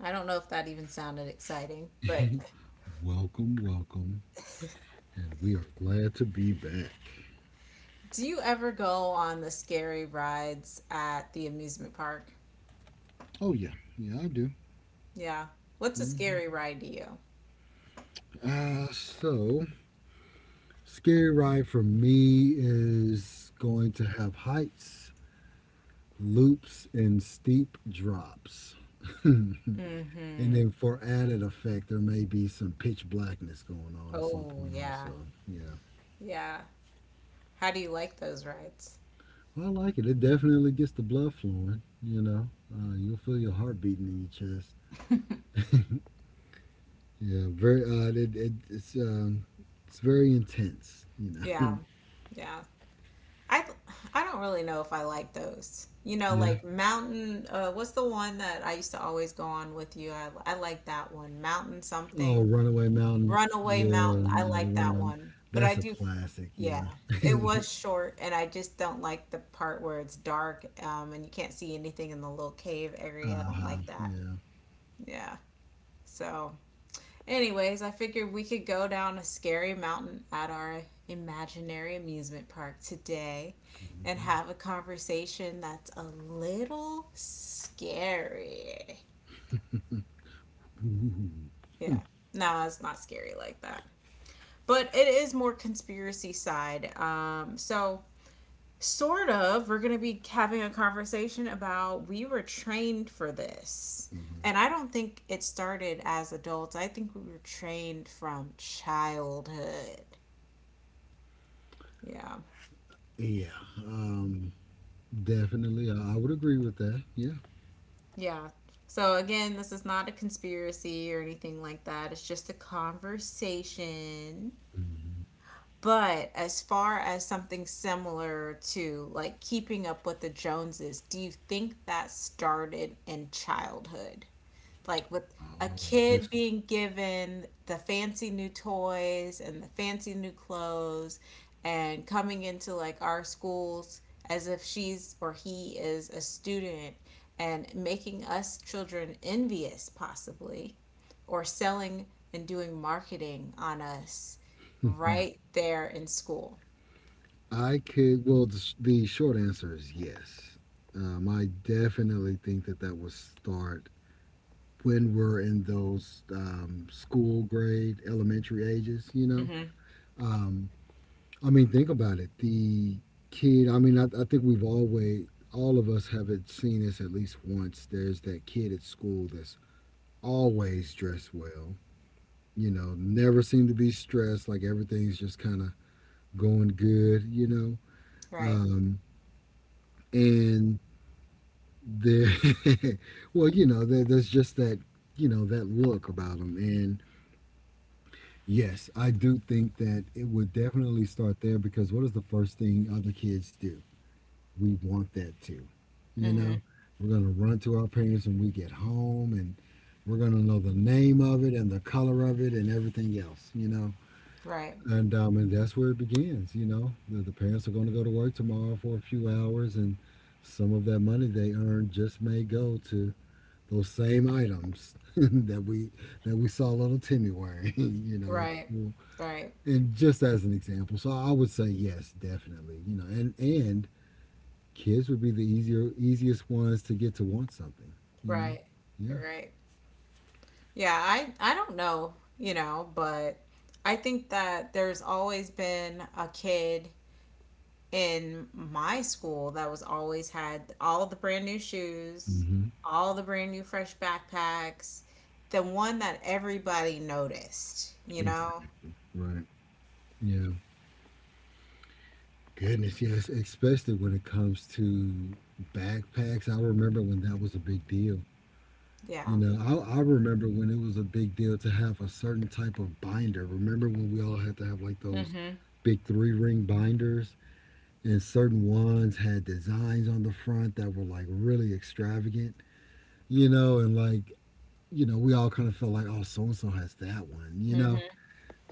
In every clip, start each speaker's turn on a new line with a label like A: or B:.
A: I don't know if that even sounded exciting, but
B: Welcome, welcome. And we are glad to be back.
A: do you ever go on the scary rides at the amusement park?
B: Oh, yeah. Yeah, I do.
A: Yeah. What's a
B: hmm
A: scary ride to you?
B: Uh, so, Scary Ride for me is going to have heights, loops, and steep drops. and
A: Mm-hmm.
B: Then for added effect, there may be some pitch blackness going on at some
A: Oh,
B: point,
A: yeah.
B: also. Yeah.
A: Yeah. How do you like those rides?
B: Well, I like it. It definitely gets the blood flowing, you know. You'll feel your heart beating in your chest. Yeah, very. It's it's very intense.
A: Yeah. Yeah. I th- I don't really know if I like those. You know,
B: Yeah.
A: like mountain, what's the one that I used to always go on with you? I like that one. Mountain
B: Oh,
A: something.
B: Runaway Mountain.
A: Runaway
B: Yeah,
A: Mountain. I
B: yeah, the
A: like that
B: Runaway.
A: one. But I
B: That's a
A: do,
B: classic. Yeah.
A: yeah. It was short, and I just don't like the part where it's dark, and you can't see anything in the little cave area. I
B: Uh
A: don't
B: huh.
A: like that.
B: Yeah.
A: Yeah. So, anyways, I figured we could go down a scary mountain at our imaginary amusement park today
B: There we
A: and
B: go.
A: have a conversation that's a little scary.
B: Ooh.
A: Yeah. No, it's not scary like that, but it is more conspiracy side. So sort of we're gonna be having a conversation about we were trained for this.
B: Mhm.
A: And I don't think it started as adults. I think we were trained from childhood. Yeah.
B: Yeah. Definitely, I would agree with that. Yeah.
A: Yeah. So again, this is not a conspiracy or anything like that. It's just a conversation. But as far as something similar to like keeping up with the Joneses, do you think that started in childhood? Like with a
B: Oh,
A: kid
B: just
A: being given the fancy new toys and the fancy new clothes and coming into like our schools as if she's or he is a student and making us children envious, possibly or selling and doing marketing on us right there in school.
B: I could. Well, the short answer is yes. I definitely think that that would start when we're in those school grade, elementary ages, you know? Um, I mean, think about it. I mean, I think all of us have it seen this at least once. There's that kid at school that's always dressed well, you know, never seem to be stressed, like everything's just kind of going good, you know?
A: Right.
B: Um, and there, well, there's just that look about them. And yes, I do think that it would definitely start there, because what is the first thing other kids do? We want that too. You know, we're going to run to our parents when we get home, and we're going to know the name of it and the color of it and everything else, you know.
A: Right.
B: And that's where it begins, you know. The parents are going to go to work tomorrow for a few hours, and some of that money they earn just may go to those same items that we saw little Timmy wearing, you know, at
A: Right.
B: school,
A: Right.
B: and just as an example. So I would say yes, definitely, you know, and kids would be the easier easiest ones to get to want something, you know.
A: Right.
B: Yeah.
A: Right. Yeah, I don't know, you know, but I think that there's always been a kid in my school that was always had all the brand new shoes,
B: hmm
A: all the brand new fresh backpacks, the one that everybody noticed, you know?
B: Exactly. Right. Yeah. Goodness, yes, especially when it comes to backpacks. I remember when that was a big deal.
A: Yeah.
B: You know, I remember when it was a big deal to have a certain type of binder. Remember when we all had to have like those
A: Mhm.
B: big three ring binders? And certain ones had designs on the front that were like really extravagant, you know, and we all kind of felt like, oh, so and so has that one, you know.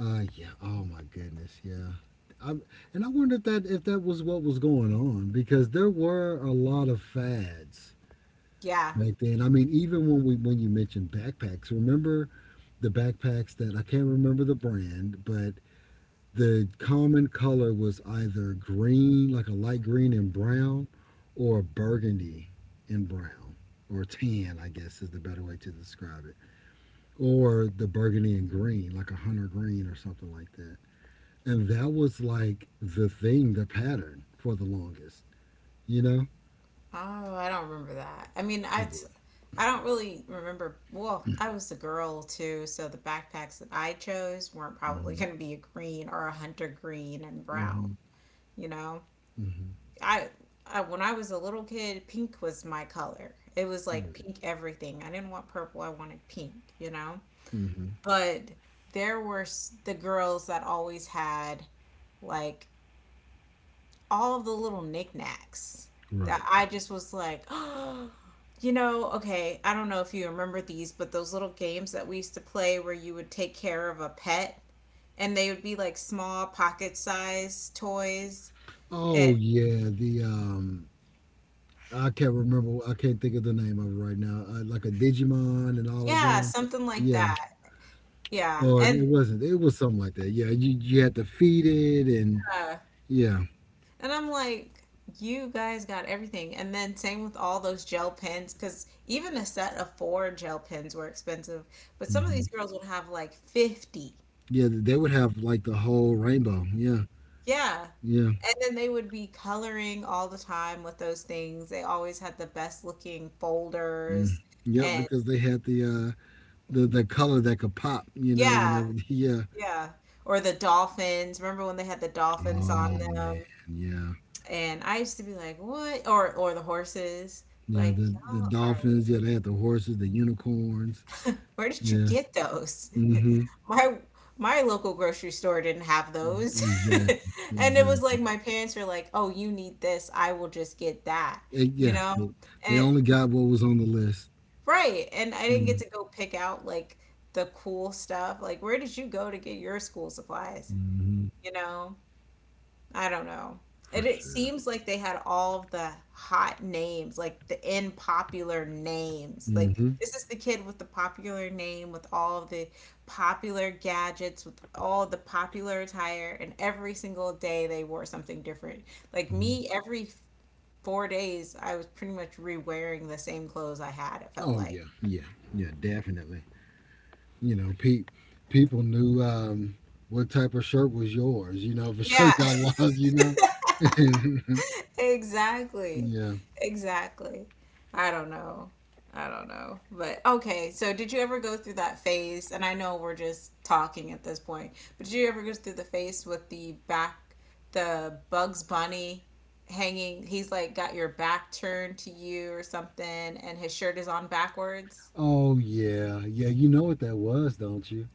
B: Yeah. Oh my goodness. Yeah. I'm, and I wonder if that was what was going on, because there were a lot of fads
A: Yeah.
B: back then. I mean, even when you mentioned backpacks, remember the backpacks that I can't remember the brand, but the common color was either green, like a light green and brown, or burgundy and brown, or tan, I guess is the better way to describe it, or the burgundy and green, like a hunter green or something like that. And that was like the thing, the pattern for the longest, you know?
A: Oh, I don't remember that. I mean,
B: I do.
A: I don't really remember. Well, I was a girl too, so the backpacks that I chose weren't probably
B: Hmm
A: going to be a green or a hunter green and brown.
B: hmm
A: You know,
B: hmm
A: I, I when I was a little kid, pink was my color. It was like
B: Right.
A: pink everything. I didn't want purple. I wanted pink. You know,
B: hmm
A: but the girls that always had like all of the little knickknacks that
B: Right.
A: I just was like, oh, okay, I don't know if you remember these, but those little games that we used to play where you would take care of a pet and they would be like small pocket size toys.
B: Oh
A: It,
B: yeah, the I can't remember. I can't think of the name of it right now. Like a Digimon and all of
A: yeah,
B: them.
A: something like
B: Yeah,
A: that. Yeah.
B: or it
A: And
B: wasn't. It was something like that. Yeah, you had to feed it, and
A: uh
B: yeah,
A: I'm like, you guys got everything. And then same with all those gel pens, because even a set of four gel pens were expensive. But some of these
B: hmm
A: girls would have like 50.
B: yeah. They would have like the whole rainbow. Yeah,
A: Yeah.
B: yeah,
A: And then they would be coloring all the time with those things. They always had the best looking
B: mm.
A: folders.
B: Yep.
A: And
B: Because they had the color that could pop. You know,
A: yeah,
B: whenever. Yeah.
A: yeah. Or the dolphins. Remember when they had the dolphins on
B: Oh man.
A: them?
B: Yeah.
A: And I used to be like, "What?" Or the horses.
B: Yeah.
A: Like,
B: The
A: y'all are
B: dolphins. Yeah, they had the horses, the unicorns.
A: where did you
B: Yeah.
A: get those?
B: Mm-hmm.
A: My my local grocery store didn't have those.
B: Exactly.
A: And it was
B: Exactly.
A: like my parents were like, "Oh, you need this. I will just get that."
B: Eh,
A: You
B: yeah,
A: know?
B: they, they
A: And
B: only got what was on the list.
A: right. And I didn't get to go pick out like the cool stuff. Like, where did you go to get your school supplies?
B: Mm-hmm.
A: You know, I don't know.
B: For
A: And it
B: sure.
A: seems like they had all of the hot names, like the in popular names. Like,
B: Mm-hmm.
A: this is the kid with the popular name, with all of the popular gadgets, with all the popular attire. And every single day they wore something different. Like,
B: hmm
A: me, every 4 days, I was pretty much re wearing the same clothes I had, it felt
B: Oh
A: like.
B: yeah, yeah, yeah, definitely. You know, pe- People knew what type of shirt was yours. You know, if a
A: Yeah.
B: shirt got lost, you know.
A: Exactly.
B: yeah.
A: Exactly. I don't know. I don't know. But okay, so did you ever go through that phase? And I know we're just talking at this point, but did you ever go through the phase with the Bugs Bunny hanging? He's like got your back turned to you or something, and his shirt is on backwards.
B: Oh yeah, yeah. You know what that was, don't you?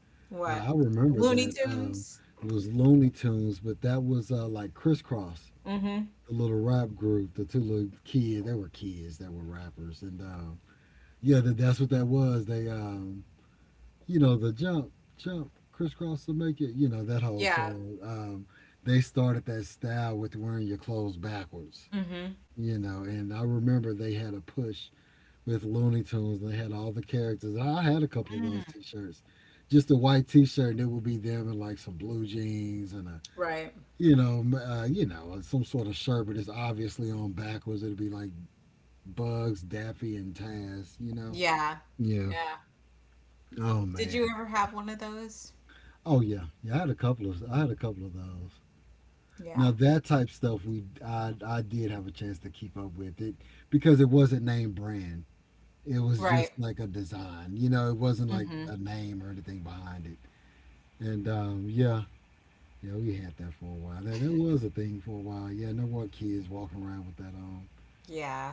B: I,
A: What?
B: I remember
A: Looney
B: that.
A: Tunes?
B: It was Looney Tunes, but that was like Crisscross,
A: Mm hmm.
B: the little rap group, the two little kids. They were kids that were rappers, and Yeah, that's what that was. You know, the jump, jump, crisscross to make it. You know that whole
A: Yeah.
B: song. They started that style with wearing your clothes backwards.
A: Mm hmm.
B: You know, and I remember they had a push with Looney Tunes. And they had all the characters. I had a couple of those T-shirts, just a white T-shirt. And it would be them in like some blue jeans and a,
A: Right.
B: you know, m- you know, some sort of shirt, but it's obviously on backwards. It'd be like Bugs, Daffy, and Taz. You know.
A: Yeah.
B: Yeah.
A: Yeah.
B: Oh
A: Did you
B: man.
A: ever have one of those?
B: Oh yeah, yeah. I had a couple of those.
A: Yeah.
B: Now that type stuff we I did have a chance to keep up with it because it wasn't name brand. It was
A: Right.
B: just like a design. You know, it wasn't like
A: Hmm.
B: a name or anything behind it. And Yeah, yeah, we had that for a while. That was a thing for a while. Yeah, no more kids walking around with that on.
A: Yeah.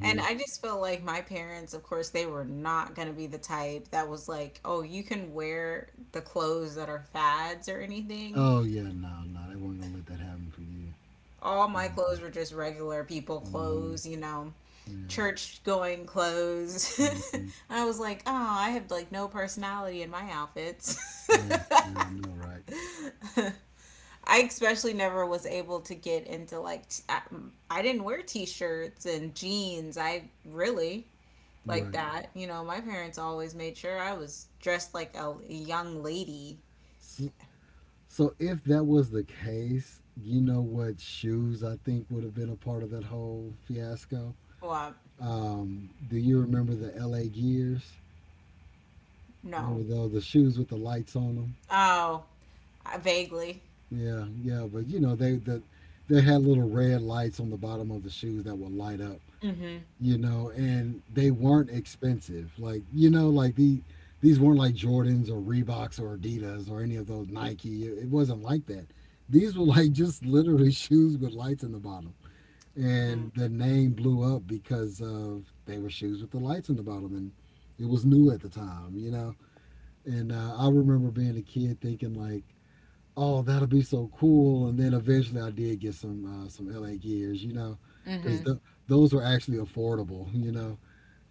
A: And I just felt like my parents, of course, they were not going to be the type that was like, oh, you can wear the clothes that are fads or anything.
B: Oh yeah, no, no, they weren't gonna let that happen for you.
A: All my clothes
B: Mm-hmm.
A: were just regular people
B: Mm-hmm.
A: clothes, you know,
B: Yeah.
A: church going clothes. And
B: hmm
A: I was like, oh, I have like no personality in my outfits.
B: Yeah. Yeah. I know, right?
A: I especially never was able to get into I didn't wear t-shirts and jeans. I really like
B: Right.
A: that. You know, my parents always made sure I was dressed like a young lady.
B: So, so if that was the case, you know what shoes I think would have been a part of that whole fiasco.
A: Well,
B: Do you remember the LA Gears? Remember
A: no.
B: those the shoes with the lights on them?
A: Oh, vaguely.
B: Yeah, yeah, but you know they had little red lights on the bottom of the shoes that would light up.
A: Mm-hmm.
B: You know, and they weren't expensive. Like you know, these weren't like Jordans or Reeboks or Adidas or any of those Nike. It wasn't like that. These were like just literally shoes with lights in the bottom, and the name blew up because of they were shoes with the lights on the bottom, and it was new at the time, you know. And I remember being a kid thinking like, "Oh, that'll be so cool!" And then eventually, I did get some LA gears, you know, because
A: Mm-hmm.
B: th- those were actually affordable, you know.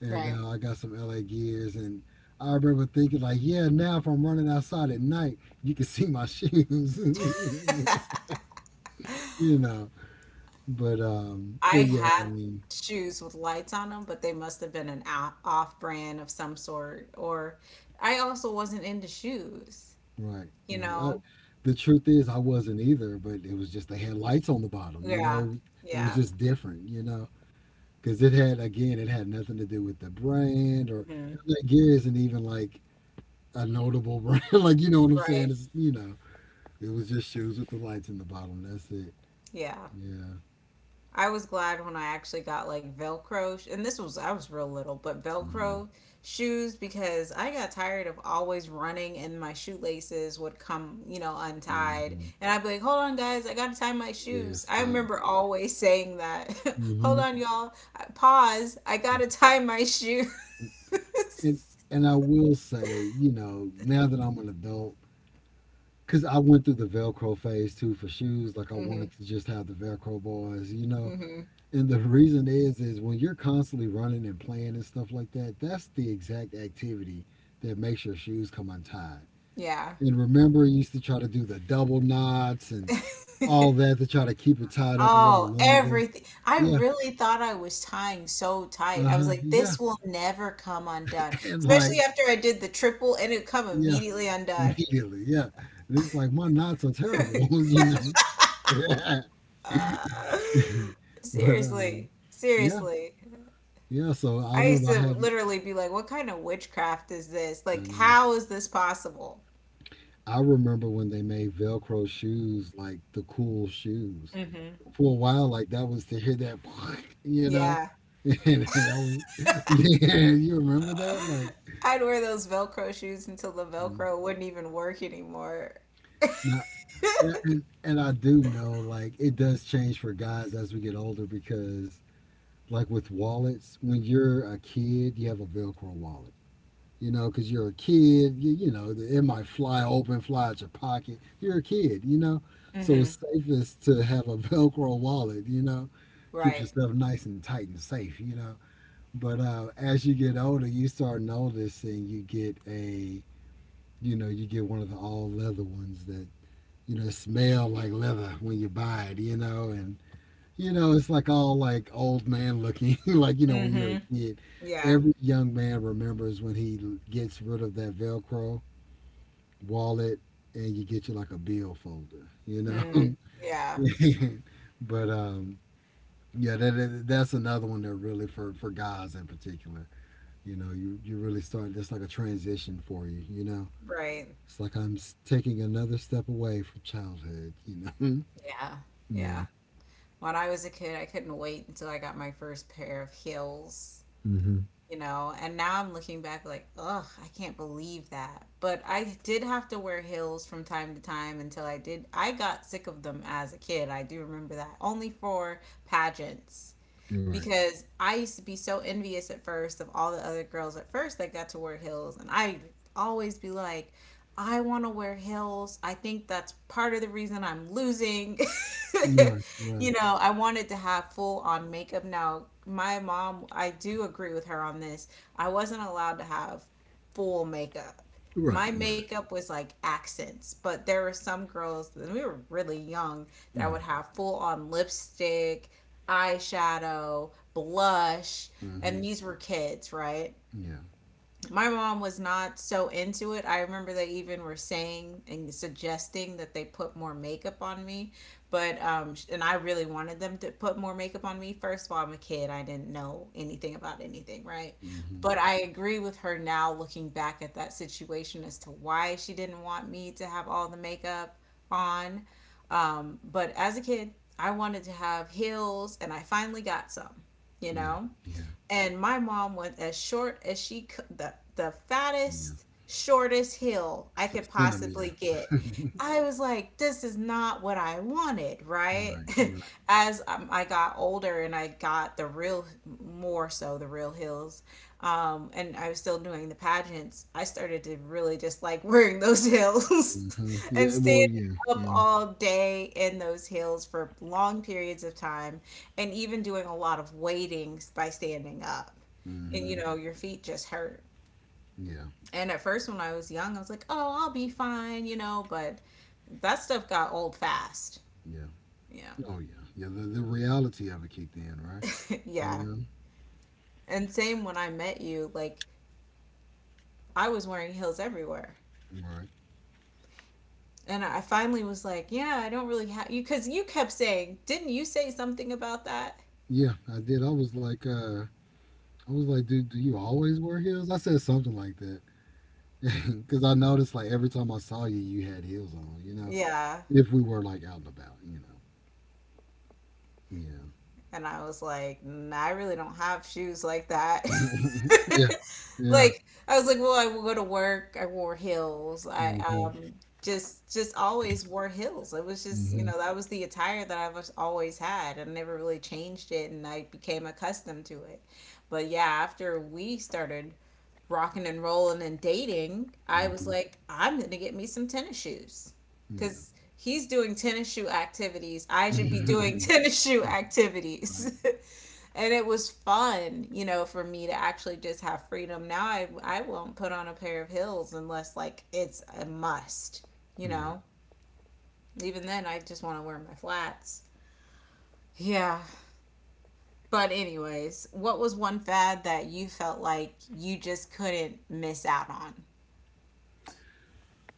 B: And
A: Right.
B: I got some LA gears, and I remember thinking like, "Yeah, now if I'm running outside at night, you can see my shoes," you know.
A: I
B: But yeah, I
A: had
B: mean.
A: shoes with lights on them, but they must have been an off brand of some sort. Or I also wasn't into shoes,
B: Right,
A: you
B: right.
A: know?
B: The truth is, I wasn't either, but it was just they had lights on the bottom, you
A: Yeah.
B: know? It was
A: Yeah.
B: just different, you know? Because it had, again, it had nothing to do with the brand or
A: Hmm.
B: that Gear isn't even like a notable brand. Like, you know what I'm
A: Right.
B: saying? You know, it was just shoes with the lights in the bottom. That's it.
A: Yeah.
B: Yeah.
A: I was glad when I actually got like Velcro, and this was I was real little, but
B: hmm
A: Velcro shoes because I got tired of always running and my shoelaces would come, you know, untied,
B: hmm
A: and I'd be like, "Hold on, guys, I gotta tie my
B: Yeah,
A: shoes." I
B: stop.
A: remember always saying that. Hold
B: Mm-hmm.
A: on, y'all, pause. I gotta tie my shoe.
B: And, and I will say, you know, now that I'm an adult, because I went through the Velcro phase too for shoes. Like I wanted
A: Hmm.
B: to just have the Velcro boys, you know.
A: Hmm.
B: And the reason is when you're constantly running and playing and stuff like that, that's the exact activity that makes your shoes come untied.
A: Yeah.
B: And remember, you used to try to do the double knots and all that to try to keep it tied up a little
A: Oh,
B: longer.
A: everything. I
B: Yeah,
A: really thought I was tying so tight.
B: uh
A: I was
B: huh,
A: like,
B: yeah,
A: this will never come undone.
B: and like
A: Especially after I did the triple and it come
B: yeah,
A: immediately undone.
B: immediately, yeah. And it's like my knots are terrible, you know.
A: Uh,
B: but
A: seriously.
B: yeah,
A: Seriously.
B: Yeah, so I
A: I used
B: remember I
A: to
B: had,
A: literally be like, what kind of witchcraft is this? Like,
B: and
A: how is this possible?
B: I remember when they made Velcro shoes, like the cool shoes.
A: Hmm.
B: For a while, like that was to hear you know,
A: Yeah.
B: and that was, yeah, you remember that, like,
A: I'd wear those Velcro shoes until the Velcro wouldn't even work anymore.
B: not, and I do know, like, it does change for guys as we get older, because like, with wallets, when you're a kid, you have a Velcro wallet. You know, because you're a kid. You know, it might fly open, fly out your pocket. You're a kid, you know. So
A: Hmm.
B: it's safest to have a Velcro wallet, you know. Keeps
A: Right.
B: yourself nice and tight and safe, you know. But as you get older, you start noticing you get a, you know, you get one of the all leather ones that, you know, smell like leather when you buy it, you know, and you know, it's like all like old man looking, like you know when you're
A: Hmm.
B: a kid.
A: Yeah.
B: Every young man remembers when gets rid of that Velcro wallet, and you get you like a bill folder, you know.
A: Mm. Yeah.
B: but yeah, that's another one that really for guys in particular. You know, you really start. That's like a transition for you. You know,
A: Right.
B: it's like taking another step away from childhood. You know.
A: Yeah,
B: Yeah.
A: yeah. When I was a kid, I couldn't wait until I got my first pair of heels,
B: Mm-hmm.
A: you know, and now I'm looking back like, ugh, I can't believe that. But I did have to wear heels from time to time until I did. I got sick of them as a kid. I do remember that. Only for pageants
B: Right.
A: because I used to be so envious at first of all the other girls at first that got to wear heels. And I always be like, I want to wear heels. I think that's part of the reason I'm losing.
B: Right. Right.
A: You know, I wanted to have full on makeup. Now, my mom, I do agree with her on this. I wasn't allowed to have full makeup.
B: Right,
A: My
B: right.
A: makeup was like accents, but there were some girls, and we were really young, that
B: Right.
A: would have full on lipstick eyeshadow, blush,
B: Mm-hmm.
A: and these were kids, right?
B: Yeah.
A: My mom was not so into it. I remember they even were saying and suggesting that they put more makeup on me, but and I really wanted them to put more makeup on me. First of all, I'm a kid. I didn't know anything about anything, right?
B: Mm-hmm.
A: But I agree with her now, looking back at that situation as to why she didn't want me to have all the makeup on. But as a kid, I wanted to have heels, and I finally got some. You
B: Yeah.
A: know,
B: Yeah.
A: and my mom went as short as she could, the
B: Yeah.
A: fattest, shortest hill I
B: So
A: could possibly
B: centimeter.
A: get. I was like, this is not what I wanted, right?
B: Right. Right.
A: As I got older and I got more so the real hills, and I was still doing the pageants, I started to really just like wearing those hills
B: Mm-hmm.
A: and
B: Yeah. Well.
A: standing
B: Yeah.
A: up
B: Yeah.
A: all day in those hills for long periods of time and even doing a lot of waiting by standing up. And you
B: Mm-hmm.
A: know, your feet just hurt.
B: Yeah.
A: And at first, when I was young, I was like, oh, I'll be fine, you know, but that stuff got old fast.
B: Yeah.
A: Yeah.
B: Oh yeah. Yeah. The reality of it kicked in. Right. You
A: Yeah.
B: know.
A: And same when I met you, like, I was wearing heels everywhere.
B: Right.
A: And I finally was like, yeah, I don't really have you because you kept saying, didn't you say something about that?
B: Yeah. I did. I was like, I was like, dude, do you always wear heels? I said something like that. Because I noticed, like, every time I saw you, you had heels on,
A: Yeah.
B: If we were, like, out and about, know?
A: And I was like, nah, I really don't have shoes like that.
B: Yeah. yeah. Yeah.
A: Like I was like, well, I will go to work. I wore heels. I
B: Mm-hmm.
A: just always wore heels. It was just you
B: Mm-hmm.
A: know that was the attire that I was always had, I never really changed it, and I became accustomed to it. But yeah, after we started rocking and rolling and dating, I was
B: hmm
A: like, I'm gonna get me some tennis shoes
B: Yeah.
A: because he's doing tennis shoe activities. I should be doing
B: right.
A: tennis shoe activities. And it was fun for me to actually just have freedom now. I won't put on a pair of heels unless like it's a must, you
B: Right.
A: know even then I just want to wear my flats. Yeah. But anyways, what was one fad that you felt like you just couldn't miss out on?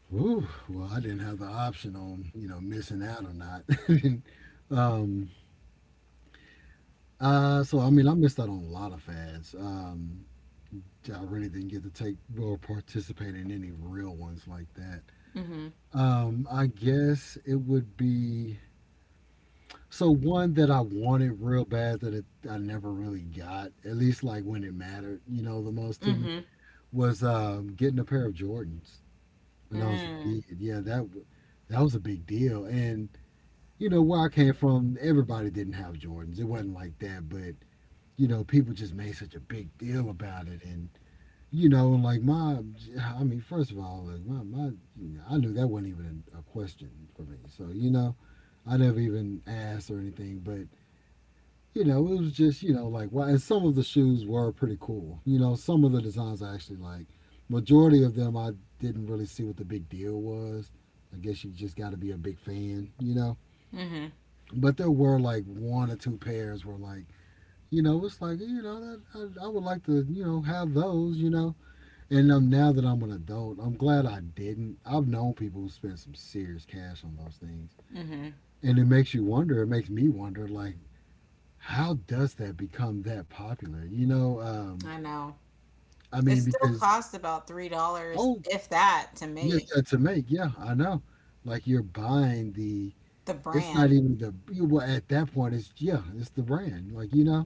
B: Whew. Well, I didn't have the option on missing out or not. um. So I mean, I missed out on a lot of fads. I really didn't get to take or participate in any real ones like that. I guess it would be. So one that I wanted real bad that it, I never really got, at least like when it mattered, the most to me
A: Mm-hmm.
B: was getting a pair of Jordans. When I was a
A: Mm-hmm.
B: kid. Yeah, that was a big deal. And you know where I came from, everybody didn't have Jordans. It wasn't like that, but you know people just made such a big deal about it. And you know, like my, I mean, first of all, you know, I knew that wasn't even a question for me. So you know, I never even asked or anything. But you know, it was just, you know, like, why. And some of the shoes were pretty cool. You know, some of the designs I actually like. Majority of them, I didn't really see what the big deal was. I guess you just got to be a big fan, you know. But there were like one or two pairs were like, you know, it's like, you know, that, I would like to, you know, have those, you know. And Now that I'm an adult, I'm glad I didn't. I've known people who spent some serious cash on those things. And it makes me wonder, like, how does that become that popular? You know,
A: I know.
B: I
A: It
B: mean,
A: still
B: because
A: costs about $3,
B: oh
A: if that, to
B: yeah,
A: make.
B: yeah, to make yeah, I know. Like you're buying the.
A: The
B: It's not
A: brand.
B: even the well at that point. It's yeah, it's the brand. Like you know,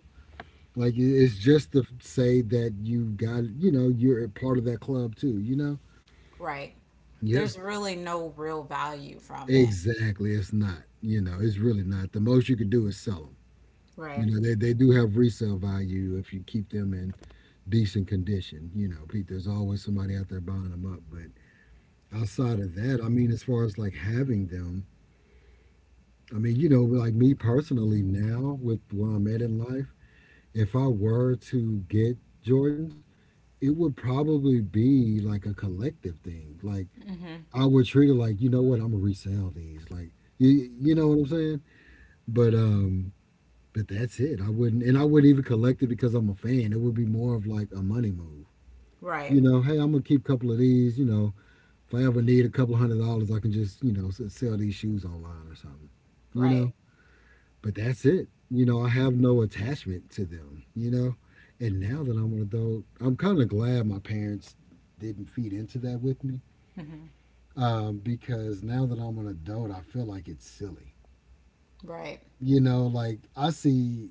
B: it's just to say that you got you know you're a part of that club too. You know.
A: Right.
B: Yeah.
A: There's really no real value from it.
B: Exactly. It's not. You know, it's really not. The most you could do is sell them.
A: Right.
B: You know, they do have resale value if you keep them in decent condition. You know, Pete, there's always somebody out there buying them up. But outside of that, I mean, as far as like having them, I mean, you know, like me personally now with where I'm at in life, if I were to get Jordans, it would probably be like a collective thing. Like I would treat it like, you know what, I'm gonna resell these. Like you, you know what I'm saying? But um, but that's it. I wouldn't, and I wouldn't even collect it because I'm a fan. It would be more of like a money move.
A: Right.
B: You know, hey, I'm gonna keep a couple of these. You know, if I ever need a couple $100s, I can just, sell these shoes online or something, you
A: Right.
B: know? But that's it. You know, I have no attachment to them, you know? And now that I'm an adult, I'm kind of glad my parents didn't feed into that with me
A: Hmm.
B: because now that I'm an adult, I feel like it's silly.
A: Right.
B: You know, like I see,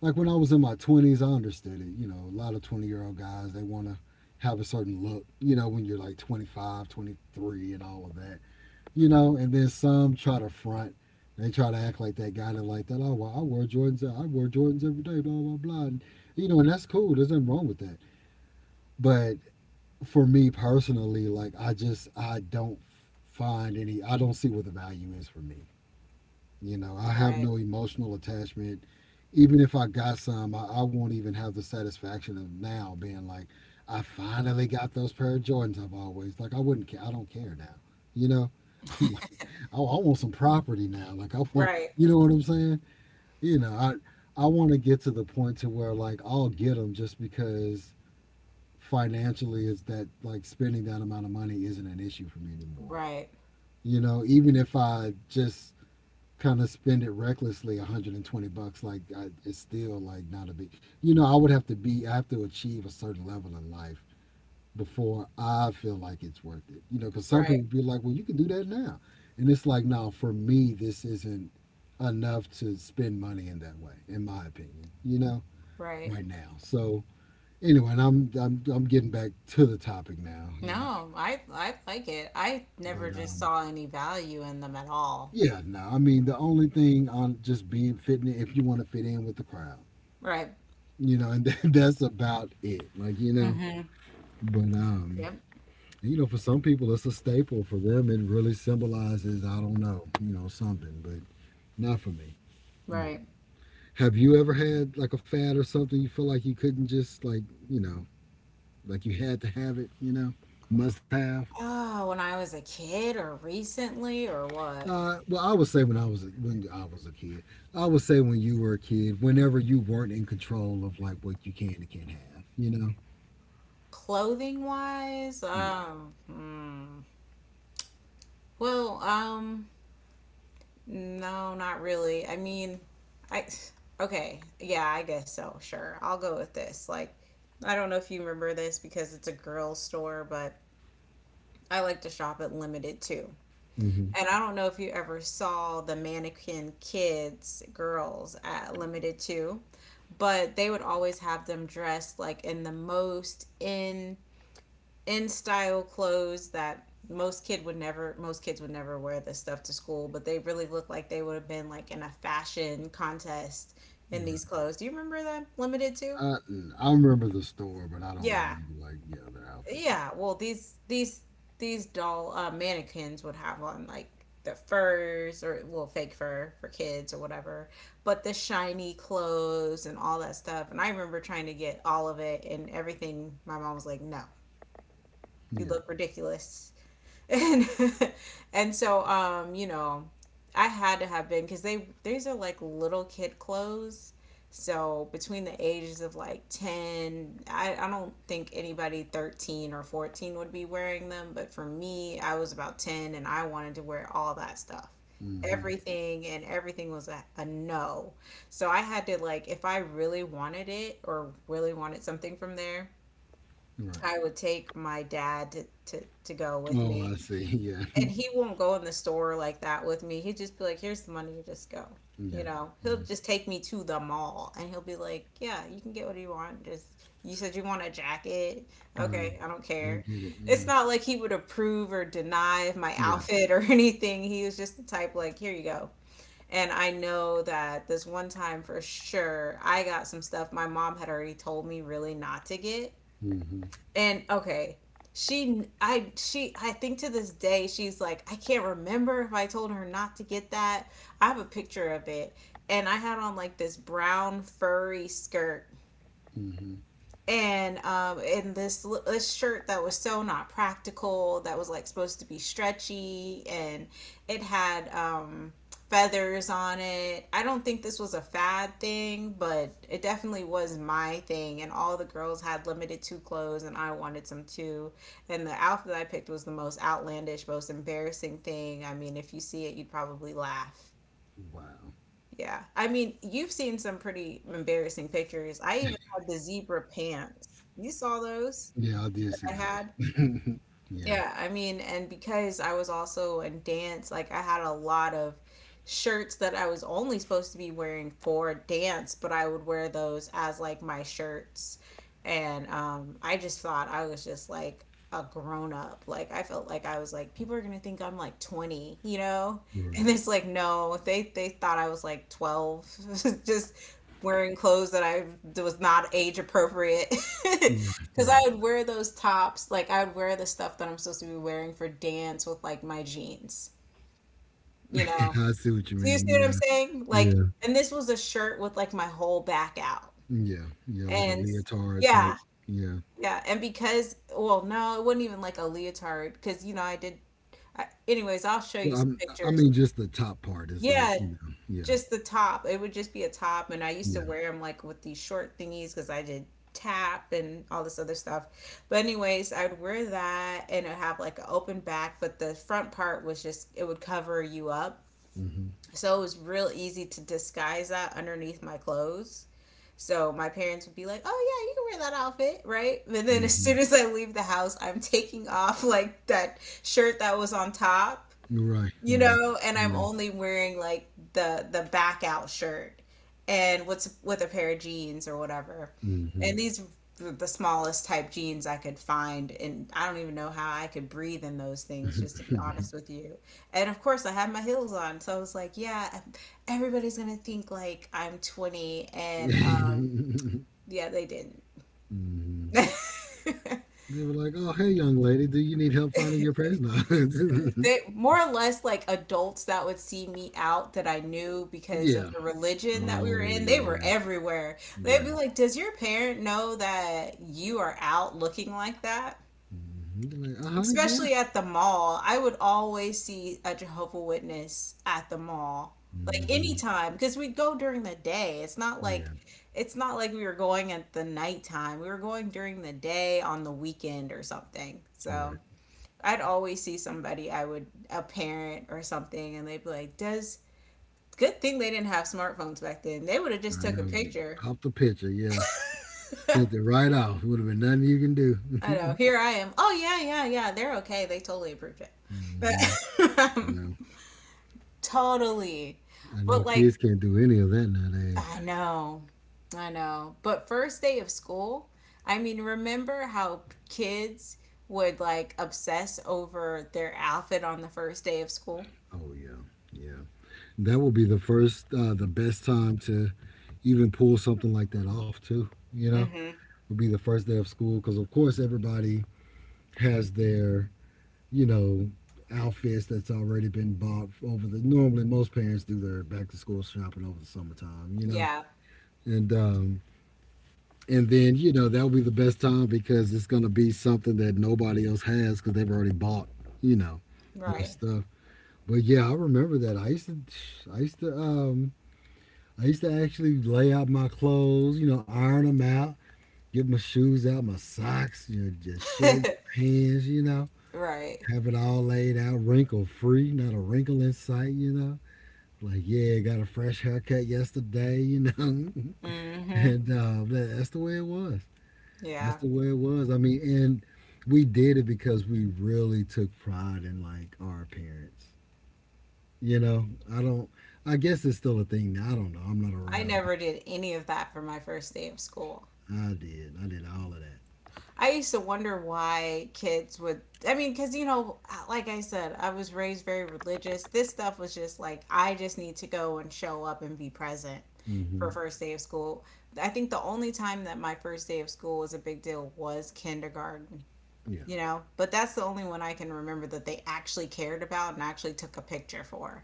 B: like when I was in my 20s, I understood it. You know, a lot of 20-year-old guys, they want to have a certain look, you know, when you're like 25, 23, and all of that you know, and then some try to front. They try to act like that guy that like that. Oh, well, I wear Jordans. I wear Jordans every day. Blah blah blah. And, you know, and that's cool. There's nothing wrong with that. But for me personally, like I don't find any. I don't see what the value is for me. You know, I have
A: Right.
B: no emotional attachment. Even if I got some, I won't even have the satisfaction of now being like, I finally got those pair of Jordans I've always like. I wouldn't care. I don't care now. You know, I'm like, I want some property now. Like I want,
A: Right.
B: you know what I'm saying? You know, I I want to get to the point to where like I'll get them just because financially is that like spending that amount of money isn't an issue for me anymore.
A: Right.
B: You know, even if I just kind of spend it recklessly 120 bucks like I, it's still like not a big you know I would have to be I have to achieve a certain level in life before I feel like it's worth it you know because some
A: Right.
B: people be like well you can do that now. And it's like no for me this isn't enough to spend money in that way in my opinion you know
A: Right.
B: right now so anyway and I'm getting back to the topic now you know.
A: No, I like it. I
B: But
A: never just saw any value in them at all.
B: Yeah, no. I mean, the only thing on just being fitting if you want to fit in with the crowd,
A: Right.
B: you know, and that's about it. Like you know,
A: Hmm.
B: but
A: Yep.
B: you know, for some people it's a staple. For them, it really symbolizes I don't know, you know, something, but not for me. You know.
A: Right.
B: Have you ever had like a fad or something you feel like you couldn't just like you know, like you had to have it, you know, must have.
A: Oh, when I was a kid or recently or what?
B: Well, I would say when I was a kid, I would say when you were a kid, whenever you weren't in control of like what you can and can't have, you know.
A: Clothing wise?
B: Yeah.
A: Hmm. Well, no, not really. I mean, I okay, yeah, I guess so. Sure, I'll go with this. Like, I don't know if you remember this because it's a girls' store, but I like to shop at Limited Too.
B: hmm
A: And I don't know if you ever saw the mannequin kids girls at Limited Too, but they would always have them dressed like in the most in style clothes that most kids would never wear this stuff to school, but they really look like they would have been like in a fashion contest in
B: Right.
A: these clothes. Do you remember that Limited to?
B: I, I remember the store, but I don't
A: Yeah.
B: remember like yeah their outfits.
A: Yeah, well, these doll mannequins would have on like the furs, or well, fake fur for kids or whatever, but the shiny clothes and all that stuff. And I remember trying to get all of it and everything. My mom was like, "No, you
B: Yeah.
A: look ridiculous." And and so, I had to have been, because they these are like little kid clothes, so between the ages of like 10, I don't think anybody 13 or 14 would be wearing them, but for me, I was about 10 and I wanted to wear all that stuff.
B: hmm
A: Everything. And everything was a no. So I had to, like, if I really wanted it or really wanted something from there,
B: Right.
A: I would take my dad to go with
B: Oh,
A: me.
B: I see. Yeah.
A: And he won't go in the store like that with me. He'd just be like, "Here's the money, you just go." You
B: yeah.
A: know, he'll
B: Yeah.
A: just take me to the mall, and he'll be like, "Yeah, you can get what you want. Just you said you want a jacket.
B: Right.
A: Okay, I don't
B: Go
A: care."
B: get it.
A: It's
B: Yeah.
A: not like he would approve or deny of my
B: Yeah.
A: outfit or anything. He was just the type like, "Here you go." And I know that this one time for sure, I got some stuff my mom had already told me really not to get.
B: hmm
A: And okay, she, I think to this day, she's like, I can't remember if I told her not to get that. I have a picture of it, and I had on like this brown furry skirt,
B: hmm
A: and in this shirt that was so not practical, that was like supposed to be stretchy, and it had, feathers on it. I don't think this was a fad thing, but it definitely was my thing, and all the girls had Limited two clothes and I wanted some too. And the outfit I picked was the most outlandish, most embarrassing thing. I mean, if you see it, you'd probably laugh.
B: Wow.
A: Yeah, I mean, you've seen some pretty embarrassing pictures. I even had the zebra pants. You saw those
B: Yeah, I did
A: that
B: see
A: I
B: those.
A: had?
B: yeah.
A: Yeah, I mean, and because I was also in dance, like I had a lot of shirts that I was only supposed to be wearing for dance, but I would wear those as like my shirts. And I just thought I was just like a grown up. Like I felt like I was like, people are gonna think I'm like 20, you know? And
B: Right.
A: it's like, no, they thought I was like 12, just wearing clothes that I was not age appropriate.
B: Right.
A: Because
B: Right.
A: I would wear those tops, like I would wear the stuff that I'm supposed to be wearing for dance with like my jeans, you know?
B: I see what you
A: Do you see
B: mean.
A: what I'm saying?
B: Yeah.
A: Like,
B: Yeah.
A: and this was a shirt with like my whole back out.
B: Yeah. Yeah. Like a
A: And
B: leotard type.
A: yeah,
B: Yeah.
A: yeah. And because, well, no, it wasn't even like a leotard because, you know, I did. Anyways, I'll show you
B: Well,
A: some
B: I'm, I
A: pictures.
B: mean, just the top part is like
A: Yeah,
B: you know. Yeah.
A: just the top. It would just be a top, and I used to
B: Yeah.
A: wear them like with these short thingies because I did tap and all this other stuff. But anyways, I would wear that and it would have like an open back, but the front part was just, it would cover you up.
B: hmm
A: So it was real easy to disguise that underneath my clothes. So my parents would be like, "Oh yeah, you can wear that outfit, right?" But then as soon
B: hmm
A: as I leave the house, I'm taking off like that shirt that was on top,
B: Right.
A: you
B: Right.
A: know, and I'm
B: Yeah.
A: only wearing like the back out shirt and what's with a pair of jeans or whatever.
B: Mhm.
A: And these were the smallest type jeans I could find, and I don't even know how I could breathe in those things, just to be
B: Mhm.
A: honest with you. And of course I had my heels on, so I was like, yeah, everybody's going to think like I'm 20. And yeah, they didn't.
B: They were like, "Oh, hey, young lady, do you need help finding your place?" No.
A: They, more or less, like adults that would see me out that I knew because of
B: yeah.
A: the religion that we were
B: Oh,
A: in. They were
B: yeah.
A: everywhere. They'd
B: Yeah.
A: be like, "Does your parent know that you are out looking like that?"
B: hmm They're like, "Uh huh, yeah."
A: Especially at the mall, I would always see a Jehovah Witness at the mall, like,
B: hmm
A: anytime, because we would go during the day.
B: Yeah.
A: It's not like we were going at the nighttime. We were going during the day on the weekend or something. So.
B: Right.
A: I'd always see somebody, I would, a parent or something, and they'd be like, "Does good thing they didn't have smartphones back then. They would have just
B: I
A: took a
B: know.
A: picture."
B: Pop the picture. Yeah. Sent it right off. Would have been nothing you can
A: I know.
B: do.
A: Here I am. Oh yeah, yeah, yeah. They're okay. They totally approved it. But
B: hmm I know.
A: totally.
B: I know.
A: But like,
B: Kids can't do any of that nowadays.
A: I know. I know. But first day of school, I mean, remember how kids would like obsess over their outfit on the first day of school?
B: Oh yeah. Yeah. That will be the best time to even pull something like that off too. You know,
A: Mhm.
B: would be the first day of school because of course everybody has their you know outfits that's already been bought over the. Normally, most parents do their back to school shopping over the summertime. You know,
A: Yeah.
B: and um, and then you know that'll be the best time because it's gonna be something that nobody else has because they've already bought. You know, their
A: Right.
B: stuff. But yeah, I remember that. I used to um, I used to actually lay out my clothes, you know, iron them out, get my shoes out, my socks, your shirt, your pants, you know,
A: Right.
B: have it all laid out, wrinkle free, not a wrinkle in sight, you know. Like, yeah, got a fresh haircut yesterday, you know.
A: Mm-hmm.
B: And that's the way it was. That's
A: Yeah.
B: the way it was. I mean, and we did it because we really took pride in like our appearance. You know, I don't. I guess it's still a thing now. I don't know. I'm not
A: I
B: around.
A: never did any of that for my first day of school.
B: I did. I did all of that.
A: I used to wonder why kids would, I mean, because, you know, like I said, I was raised very religious. This stuff was just like, I just need to go and show up and be present for
B: Hmm
A: first day of school. I think the only time that my first day of school was a big deal was kindergarten,
B: Yeah.
A: you know, but that's the only one I can remember that they actually cared about and actually took a picture for.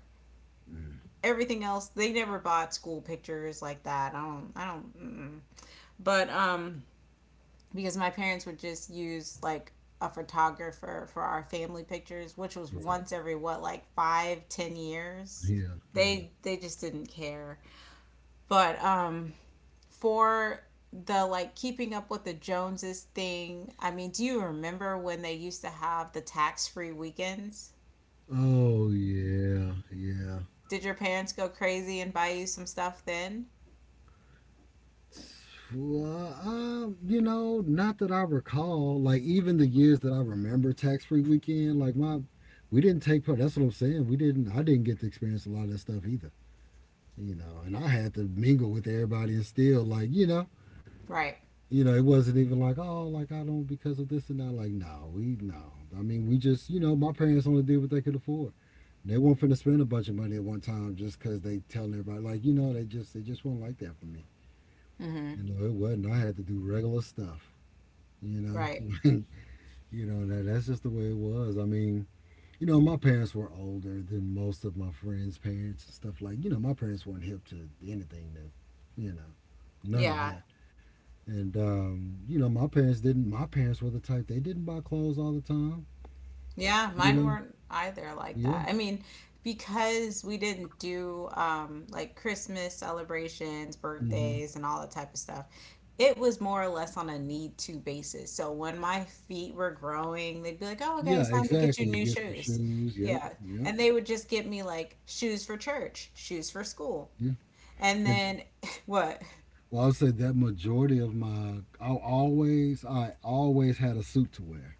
A: Everything else, they never bought school pictures like that. I don't mm. But because my parents would just use like a photographer for our family pictures, which was
B: Right.
A: once every what, like five, 10 years.
B: Yeah. Yeah.
A: They just didn't care. But for the like keeping up with the Joneses thing, I mean, do you remember when they used to have the tax free weekends?
B: Oh yeah. Yeah.
A: Did your parents go crazy and buy you some stuff then?
B: Well, you know, not that I recall. Like even the years that I remember tax free weekend, we didn't take part. That's what I'm saying. We didn't. I didn't get to experience a lot of that stuff either. You know, and I had to mingle with everybody and still like
A: Right,
B: you know, it wasn't even like oh, like I don't because of this and that. Like no, we no. I mean, we just my parents only did what they could afford. They weren't finna spend a bunch of money at one time just because they telling everybody like they just weren't like that for me. You know it wasn't. I had to do regular stuff. You know,
A: right.
B: you know that's just the way it was. I mean, you know my parents were older than most of my friends' parents and stuff like. You know my parents weren't hip to anything new. You know none of
A: Yeah.
B: that. And you know my parents didn't. My parents were the type they didn't buy clothes all the time.
A: Yeah,
B: You
A: mine
B: know,
A: weren't either like
B: yeah,
A: that. I mean, because we didn't do, like Christmas celebrations,
B: hmm
A: birthdays, and all that type of stuff, it was more or less on a need to basis. So when my feet were growing, they'd be like, oh, okay,
B: yeah,
A: it's time to get you
B: exactly. You
A: new
B: get some
A: shoes.
B: shoes. Yep,
A: Yeah.
B: yep,
A: And they would just get me like shoes for church, shoes for school.
B: yeah.
A: And
B: And
A: then what?
B: well, I'll say that majority of my, I always had a suit to wear.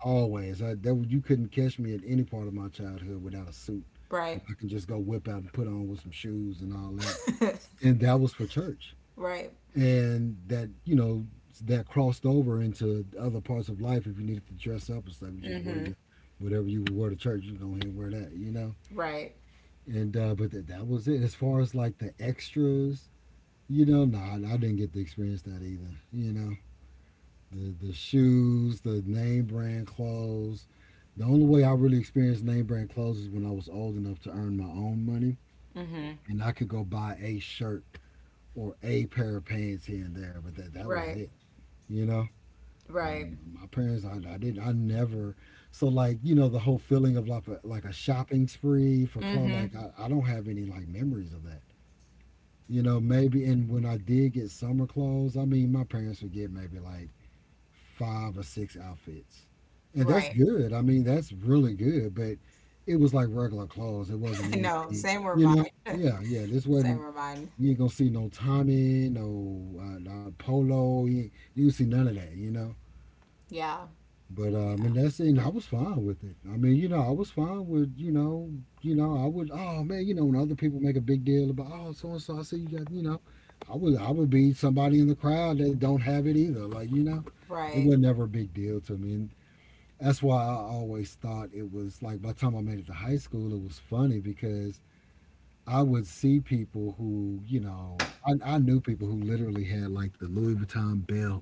B: That you couldn't catch me at any part of my childhood without a suit.
A: Right.
B: That I can just go whip out and put on with some shoes and all that. And that was for church.
A: Right.
B: And that, you know, that crossed over into other parts of life. If you needed to dress up and stuff, you just wear your whatever you would wear to church. You go ahead and wear that, you know.
A: Right.
B: And but that was it. As far as like the extras, you know, nah, I didn't get to experience that either. You know, the shoes, the name brand clothes. The only way I really experienced name brand clothes is when I was old enough to earn my own money, and I could go buy a shirt or a pair of pants here and there. But that was
A: Right.
B: it, you know. I,
A: Right.
B: my parents, I never. So like, you know, the whole feeling of like a shopping spree for clothes.
A: Mm-hmm.
B: Like I don't have any like memories of that. You know, maybe and when I did get summer clothes, I mean, my parents would get maybe like 5 or 6 outfits. And that's
A: Right.
B: good. I mean, that's really good, but it was like regular clothes. It wasn't
A: I know.
B: anything,
A: Same were
B: you
A: mine.
B: know? Yeah, yeah. This
A: Same
B: wasn't,
A: were mine.
B: you ain't gonna see no Tommy, no polo. Ain't- you see none of that, you know?
A: Yeah.
B: But and
A: Yeah.
B: that's and I was fine with it. I mean, you know, I was fine with I would. Oh man, you know, when other people make a big deal about oh so and so, I see you got you know, I would be somebody in the crowd that don't have it either. Like you know, it
A: Right.
B: was never a big deal to me, and that's why I always thought it was like by the time I made it to high school, it was funny because I would see people who you know, I knew people who literally had like the Louis Vuitton belt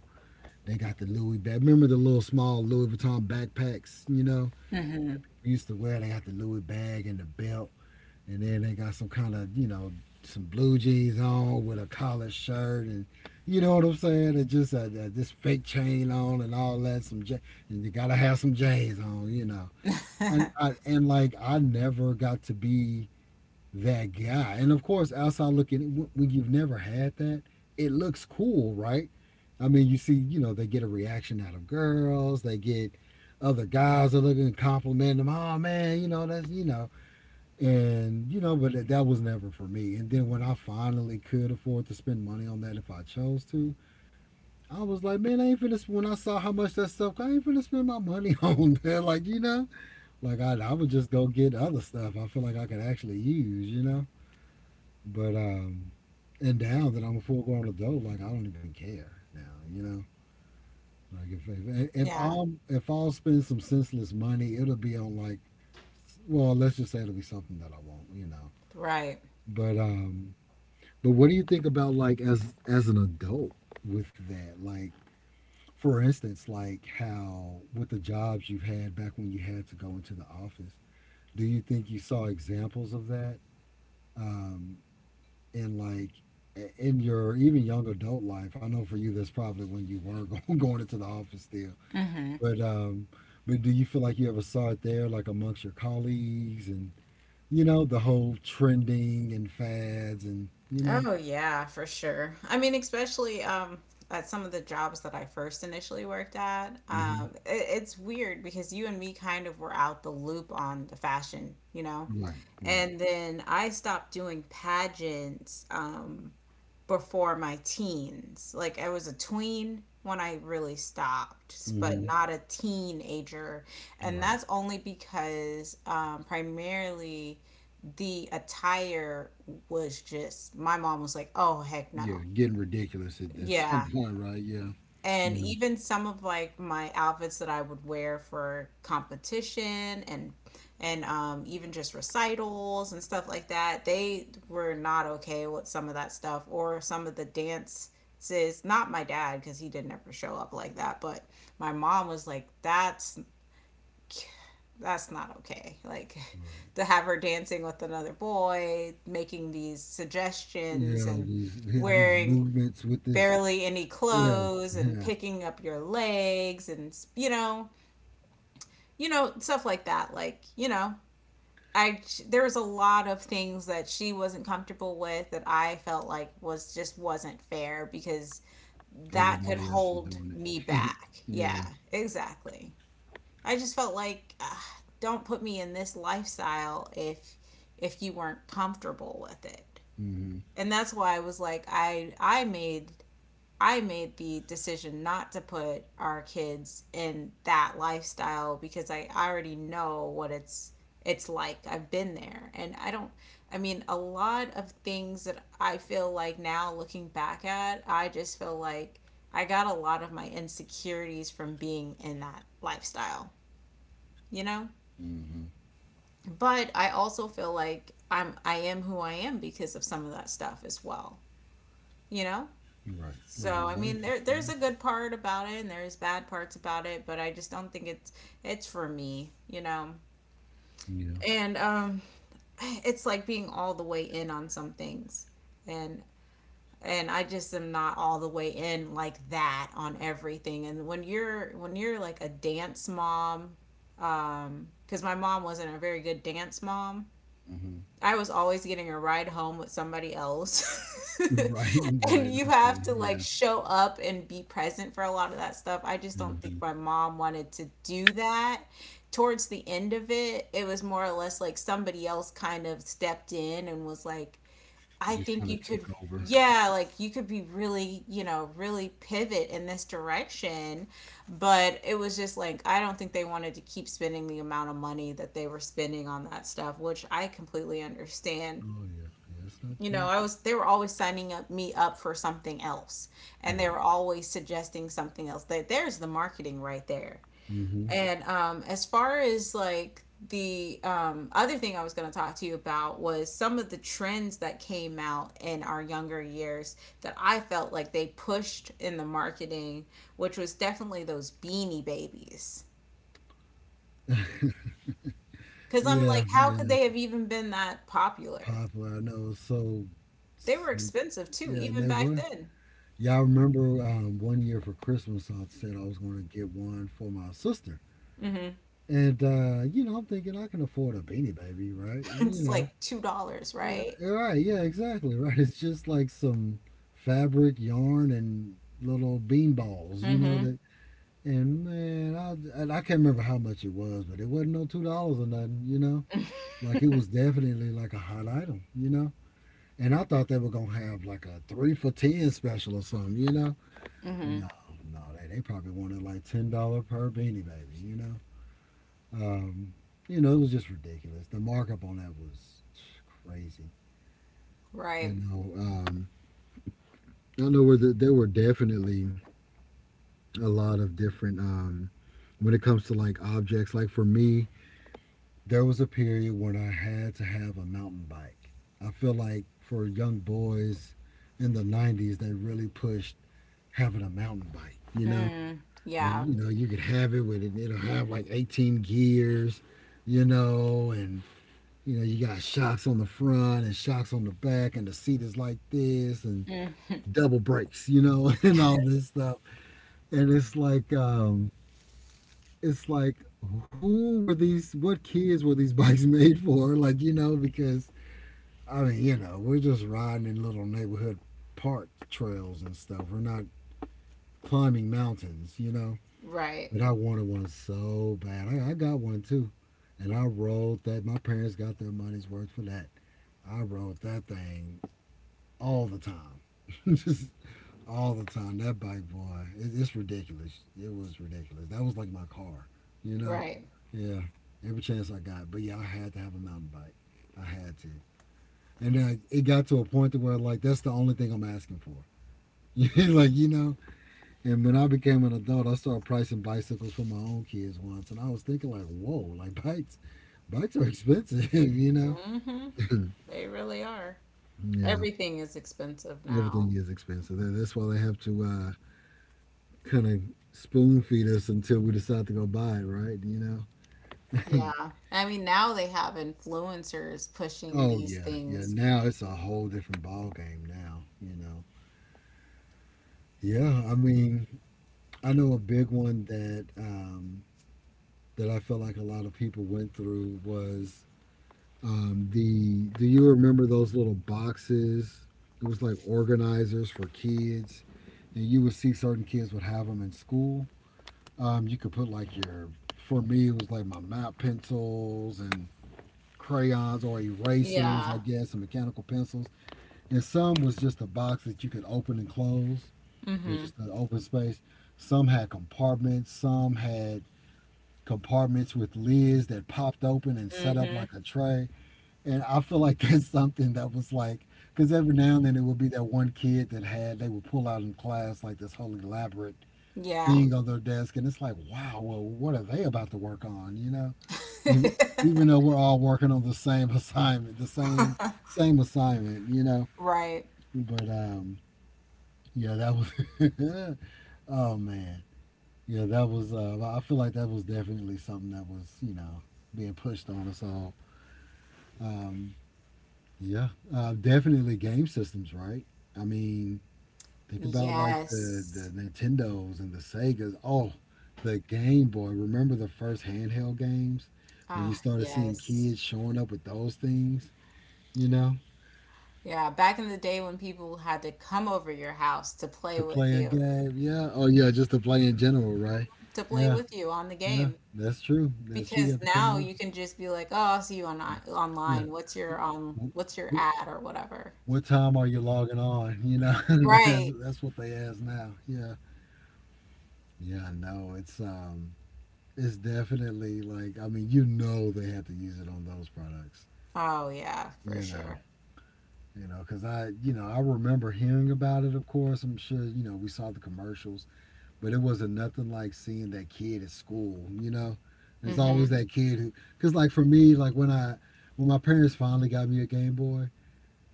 B: they got the Louis bag. Remember the little small Louis Vuitton backpacks, you know?
A: Hmm.
B: We used to wear, they got the Louis bag and the belt. And then they got some kind of, you know, some blue jeans on with a collared shirt and you know what I'm saying? And just this fake chain on and all that. And you gotta have some J's on, you know. And like I never got to be that guy. And of course, outside looking, when you've never had that, it looks cool, right? I mean, you see, you know, they get a reaction out of girls, they get other guys are looking and complimenting them. Oh man, you know that's you know, and you know, but that was never for me. And then when I finally could afford to spend money on that if I chose to, I was like, man, I ain't finna. When I saw how much that stuff, I ain't finna spend my money on that. Like you know, like I would just go get other stuff. I feel like I could actually use, you know. But and now that I'm a full grown adult, like I don't even care now. You know, like
A: Yeah.
B: if I'll spend some senseless money, it'll be on like, well, let's just say it'll be something that I won't. You know,
A: Right.
B: but um, but what do you think about like as an adult with that? Like for instance, like how with the jobs you've had back when you had to go into the office, do you think you saw examples of that? Um, in like in your even young adult life I know for you that's probably when you were going into the office still
A: Hmm.
B: but um but do you feel like you ever saw it there like amongst your colleagues and you know the whole trending and fads and you know
A: Oh yeah, for sure. I mean, especially at some of the jobs that I first initially worked at,
B: hmm
A: it's weird because you and me kind of were out the loop on the fashion, you know?
B: right, right,
A: And then I stopped doing pageants. Before my teens. Like, I was a tween when I really stopped, but
B: hmm
A: not a teenager. And
B: right.
A: that's only because primarily the attire was just, my mom was like, oh, heck
B: Yeah,
A: no.
B: getting ridiculous at some
A: Yeah,
B: point, right? Yeah,
A: and
B: yeah,
A: even some of like my outfits that I would wear for competition and even just recitals and stuff like that, they were not okay with some of that stuff or some of the dances. Not my dad because he didn't ever show up like that, but my mom was like, that's not okay." Like
B: right
A: to have her dancing with another boy, making these suggestions
B: yeah.
A: and
B: These yeah, these
A: wearing
B: movements with this.
A: barely any
B: Yeah,
A: clothes and
B: yeah.
A: picking up your legs and stuff like that, like you know I there was a lot of things that she wasn't comfortable with that I felt like was just wasn't fair because that could
B: Everybody else is
A: hold
B: doing
A: me
B: it.
A: back, yeah,
B: Yeah.
A: exactly. I just felt like don't put me in this lifestyle if you weren't comfortable with it.
B: Hmm.
A: And that's why I was like, I made the decision not to put our kids in that lifestyle because I already know what it's like. I've been there and I don't I mean, a lot of things that I feel like now, looking back at, I just feel like I got a lot of my insecurities from being in that lifestyle, you know?
B: Mm-hmm.
A: But I also feel like I am who I am because of some of that stuff as well, you know?
B: Right. Right.
A: So I mean,
B: Exactly.
A: there
B: Yeah.
A: there's a good part about it, and there's bad parts about it, but I just don't think it's for me, And it's like being all the way in on some things, and and I just am not all the way in like that on everything. And when you're like a dance mom, because my mom wasn't a very good dance mom,
B: Yeah. Mm-hmm.
A: I was always getting a ride home with somebody else.
B: Right.
A: And
B: Right.
A: you
B: Okay.
A: have to like
B: Yeah.
A: show up and be present for a lot of that stuff. I just don't think
B: Mm-hmm.
A: my mom wanted to do that. Towards the end of it, it was more or less like somebody else kind of stepped in and was like, I
B: Just
A: think
B: kind
A: you
B: of took
A: could,
B: over.
A: yeah, like you could be really, really pivot in this direction. But it was just like, I don't think they wanted to keep spending the amount of money that they were spending on that stuff, which I completely understand.
B: Oh yeah. Yeah, it's not
A: You know,
B: cheap.
A: they were always signing me up for something else, and they were
B: Right.
A: always suggesting something else. That there's the marketing right there.
B: Mm-hmm.
A: And as far as like the other thing I was going to talk to you about was some of the trends that came out in our younger years that I felt like they pushed in the marketing, which was definitely those beanie babies. Because I'm
B: Yeah.
A: like, how could
B: Yeah.
A: they have even been that popular?
B: Popular. I know. It's so.
A: They were
B: sim-
A: expensive too,
B: Yeah, and
A: even
B: they
A: back
B: were.
A: then.
B: Yeah, I remember one year for Christmas, I said I was going to get one for my sister,
A: hmm
B: and you know, I'm thinking I can afford a beanie baby, right? You
A: It's
B: know,
A: like $2, right?
B: yeah, right. Yeah, exactly. Right. It's just like some fabric, yarn, and little bean balls, you know
A: Mm-hmm.
B: that. And man, I and I can't remember how much it was, but it wasn't no $2 or nothing, you know. Like it was definitely like a hot item, you know. And I thought they were gonna have like a 3 for 10 special or something, you know. No,
A: Mm-hmm.
B: no, they probably wanted like $10 per beanie baby, you know. Um, you know, it was just ridiculous. The markup on that was crazy, you
A: Right.
B: know. I know where there were definitely a lot of different when it comes to like objects. Like for me, there was a period when I had to have a mountain bike. I feel like for young boys in the '90s, they really pushed having a mountain bike. You know,
A: Mm.
B: and,
A: Yeah.
B: you know, you could have it with it. It'll have like 18 gears. You know, and you know, you got shocks on the front and shocks on the back, and the seat is like this, and
A: Mm.
B: double brakes. You know, and all this stuff and it's like who were these what kids were these bikes made for like you know because I mean you know we're just riding in little neighborhood park trails and stuff we're not climbing mountains you know
A: Right.
B: but I wanted one so bad, I got one too and I rode that my parents got their money's worth for that I rode that thing all the time just all the time that bike boy it's ridiculous it was ridiculous that was like my car you know.
A: Right.
B: Yeah, every chance I got. But yeah, I had to have a mountain bike. I had to. And then it got to a point to where like that's the only thing I'm asking for. Like you know. And when I became an adult, I started pricing bicycles for my own kids once, and I was thinking like, whoa, like bikes are expensive, you know.
A: hmm They really are.
B: Yeah,
A: Everything is expensive now.
B: everything is expensive. That's why they have to kind of spoon feed us until we decide to go buy it, right? You know.
A: Yeah. I mean, now they have influencers pushing
B: Oh
A: these
B: yeah, yeah.
A: things.
B: Now it's a whole different ball game. Now you know yeah, I mean, I know a big one that that I felt like a lot of people went through was the. Do you remember those little boxes? It was like organizers for kids, and you would see certain kids would have them in school. You could put like your. For me, it was like my map pencils and crayons or erasers,
A: Yeah.
B: I guess, and mechanical pencils. And some was just a box that you could open and close. It was
A: Mm-hmm.
B: just an open space. Some had compartments. Some had compartments with lids that popped open and set up
A: Mm-hmm.
B: like a tray. And I feel like that's something that was like, because every now and then it would be that one kid that had, they would pull out in class like this whole elaborate
A: Yeah.
B: thing on their desk. And it's like, wow, well, what are they about to work on? You know, even, even though we're all working on the same assignment, the same assignment,
A: Right.
B: but, um, yeah, that was, oh man. Yeah, that was. I feel like that was definitely something that was, you know, being pushed on us all. Um, yeah, definitely game systems, right? I mean, think about like the
A: Yes.
B: Nintendos and the Segas. Oh, the Game Boy. Remember the first handheld games when you
A: Ah,
B: started seeing
A: yes.
B: kids showing up with those things, you know,
A: Yeah, back in the day when people had to come over your house to play
B: to
A: with
B: play a
A: you,
B: game. Yeah. Oh, yeah, just to play in general, right?
A: to play
B: Yeah,
A: with you on the
B: yeah.
A: game.
B: That's true. That's true. You
A: Because
B: have to come
A: now
B: on.
A: you can just be like, "Oh, I'll see you on
B: Yeah.
A: online. What's your on what's your ad or whatever?"
B: What time are you logging on? You know, that's
A: Right.
B: that's what they ask now. Yeah, yeah, I know. It's definitely like I mean, you know, they had to use it on those products.
A: Oh yeah, for
B: You know,
A: sure.
B: you know, because I, you know, I remember hearing about it. Of course, I'm sure you know we saw the commercials, but it wasn't nothing like seeing that kid at school. You know, there's
A: Mm-hmm.
B: always that kid who, because like for me, when my parents finally got me a Game Boy,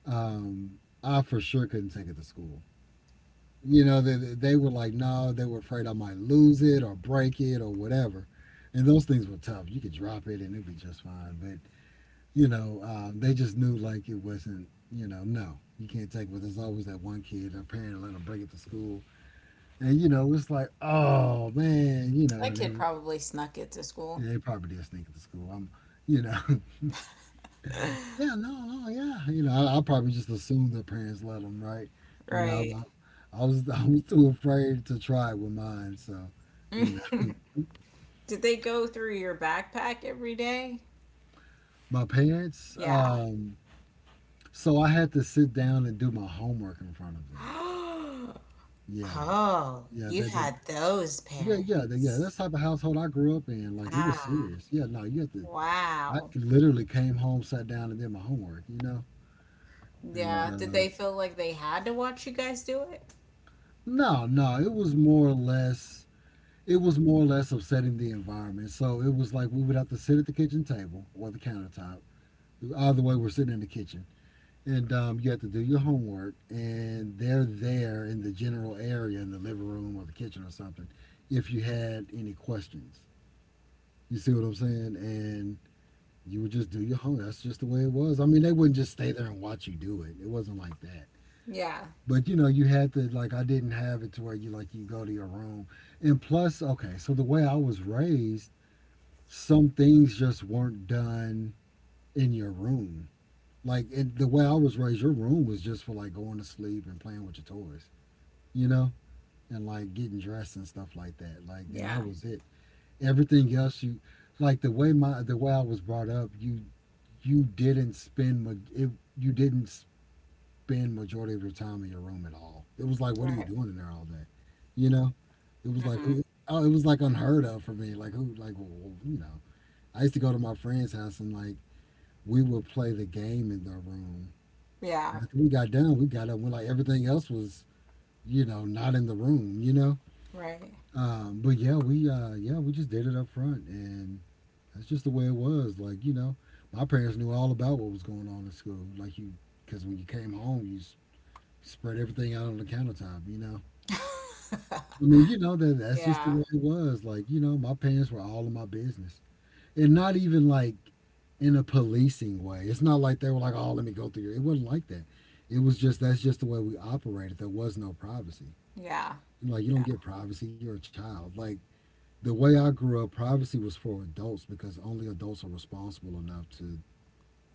B: um, I for sure couldn't take it to school. You know, they were like no, they were afraid I might lose it or break it or whatever. And those things were tough, you could drop it and it'd be just fine. But you know, they just knew like it wasn't, you know, no, you can't take it. But there's always that one kid a parent let them bring it to school. And you know, it's like oh man, you know.
A: That kid
B: And
A: probably snuck it to school.
B: they probably did sneak it to school. I'm, you know. Yeah, no, no, yeah. You know, I probably just assumed their parents let them, right? You know,
A: Right.
B: I was I was too afraid to try with mine, so you know.
A: Did they go through your backpack every day?
B: My parents.
A: Yeah.
B: So I had to sit down and do my homework in front of them. Yeah,
A: Oh,
B: yeah,
A: you
B: that, that
A: had those
B: yeah. That's
A: parents.
B: the type of household I grew up in. Like it was
A: Ah,
B: serious. Yeah, no, you had to. I
A: wow.
B: literally came home, sat down, and did my homework. You know, and
A: Yeah. Did
B: uh,
A: they feel like they had to watch you guys do it?
B: no, no, it was more or less, upsetting the environment. So it was like we would have to sit at the kitchen table or the countertop. Either way, we're sitting in the kitchen. And you have to do your homework, and they're there in the general area, in the living room or the kitchen or something, if you had any questions. You see what I'm saying? And you would just do your homework. That's just the way it was. I mean, they wouldn't just stay there and watch you do it. It wasn't like that.
A: Yeah.
B: But you know, you had to, like I didn't have it to where you like you go to your room. And plus, okay, so the way I was raised, some things just weren't done in your room. Like it, the way I was raised, your room was just for like going to sleep and playing with your toys, you know, and like getting dressed and stuff like that. Like and that
A: Yeah.
B: was it. Everything else, you, like the way my, the way I was brought up, you didn't spend ma- it, you didn't spend majority of your time in your room at all. It was like, what are you
A: Right.
B: doing in there all day? You know, it was like
A: Mm-hmm.
B: who. Oh, it was like unheard of for me. Like who? Like well, well, you know, I used to go to my friend's house and like we would play the game in the room.
A: Yeah.
B: After we got done, we got up. We're like everything else was, you know, not in the room, you know.
A: Right.
B: But yeah, we yeah, we just did it up front, and that's just the way it was. Like you know, my parents knew all about what was going on in school. Like you, because when you came home, spread everything out on the countertop. You know, I mean, you know that that's just the
A: Yeah.
B: way it was. Like you know, my parents were all in my business. And not even like in a policing way. It's not like they were like, "Oh, let me go through your." It wasn't like that. It was just, that's just the way we operated. There was no privacy.
A: Yeah.
B: Like you don't get privacy. You're a child. Like the way I grew up, privacy was for adults because only adults are responsible enough to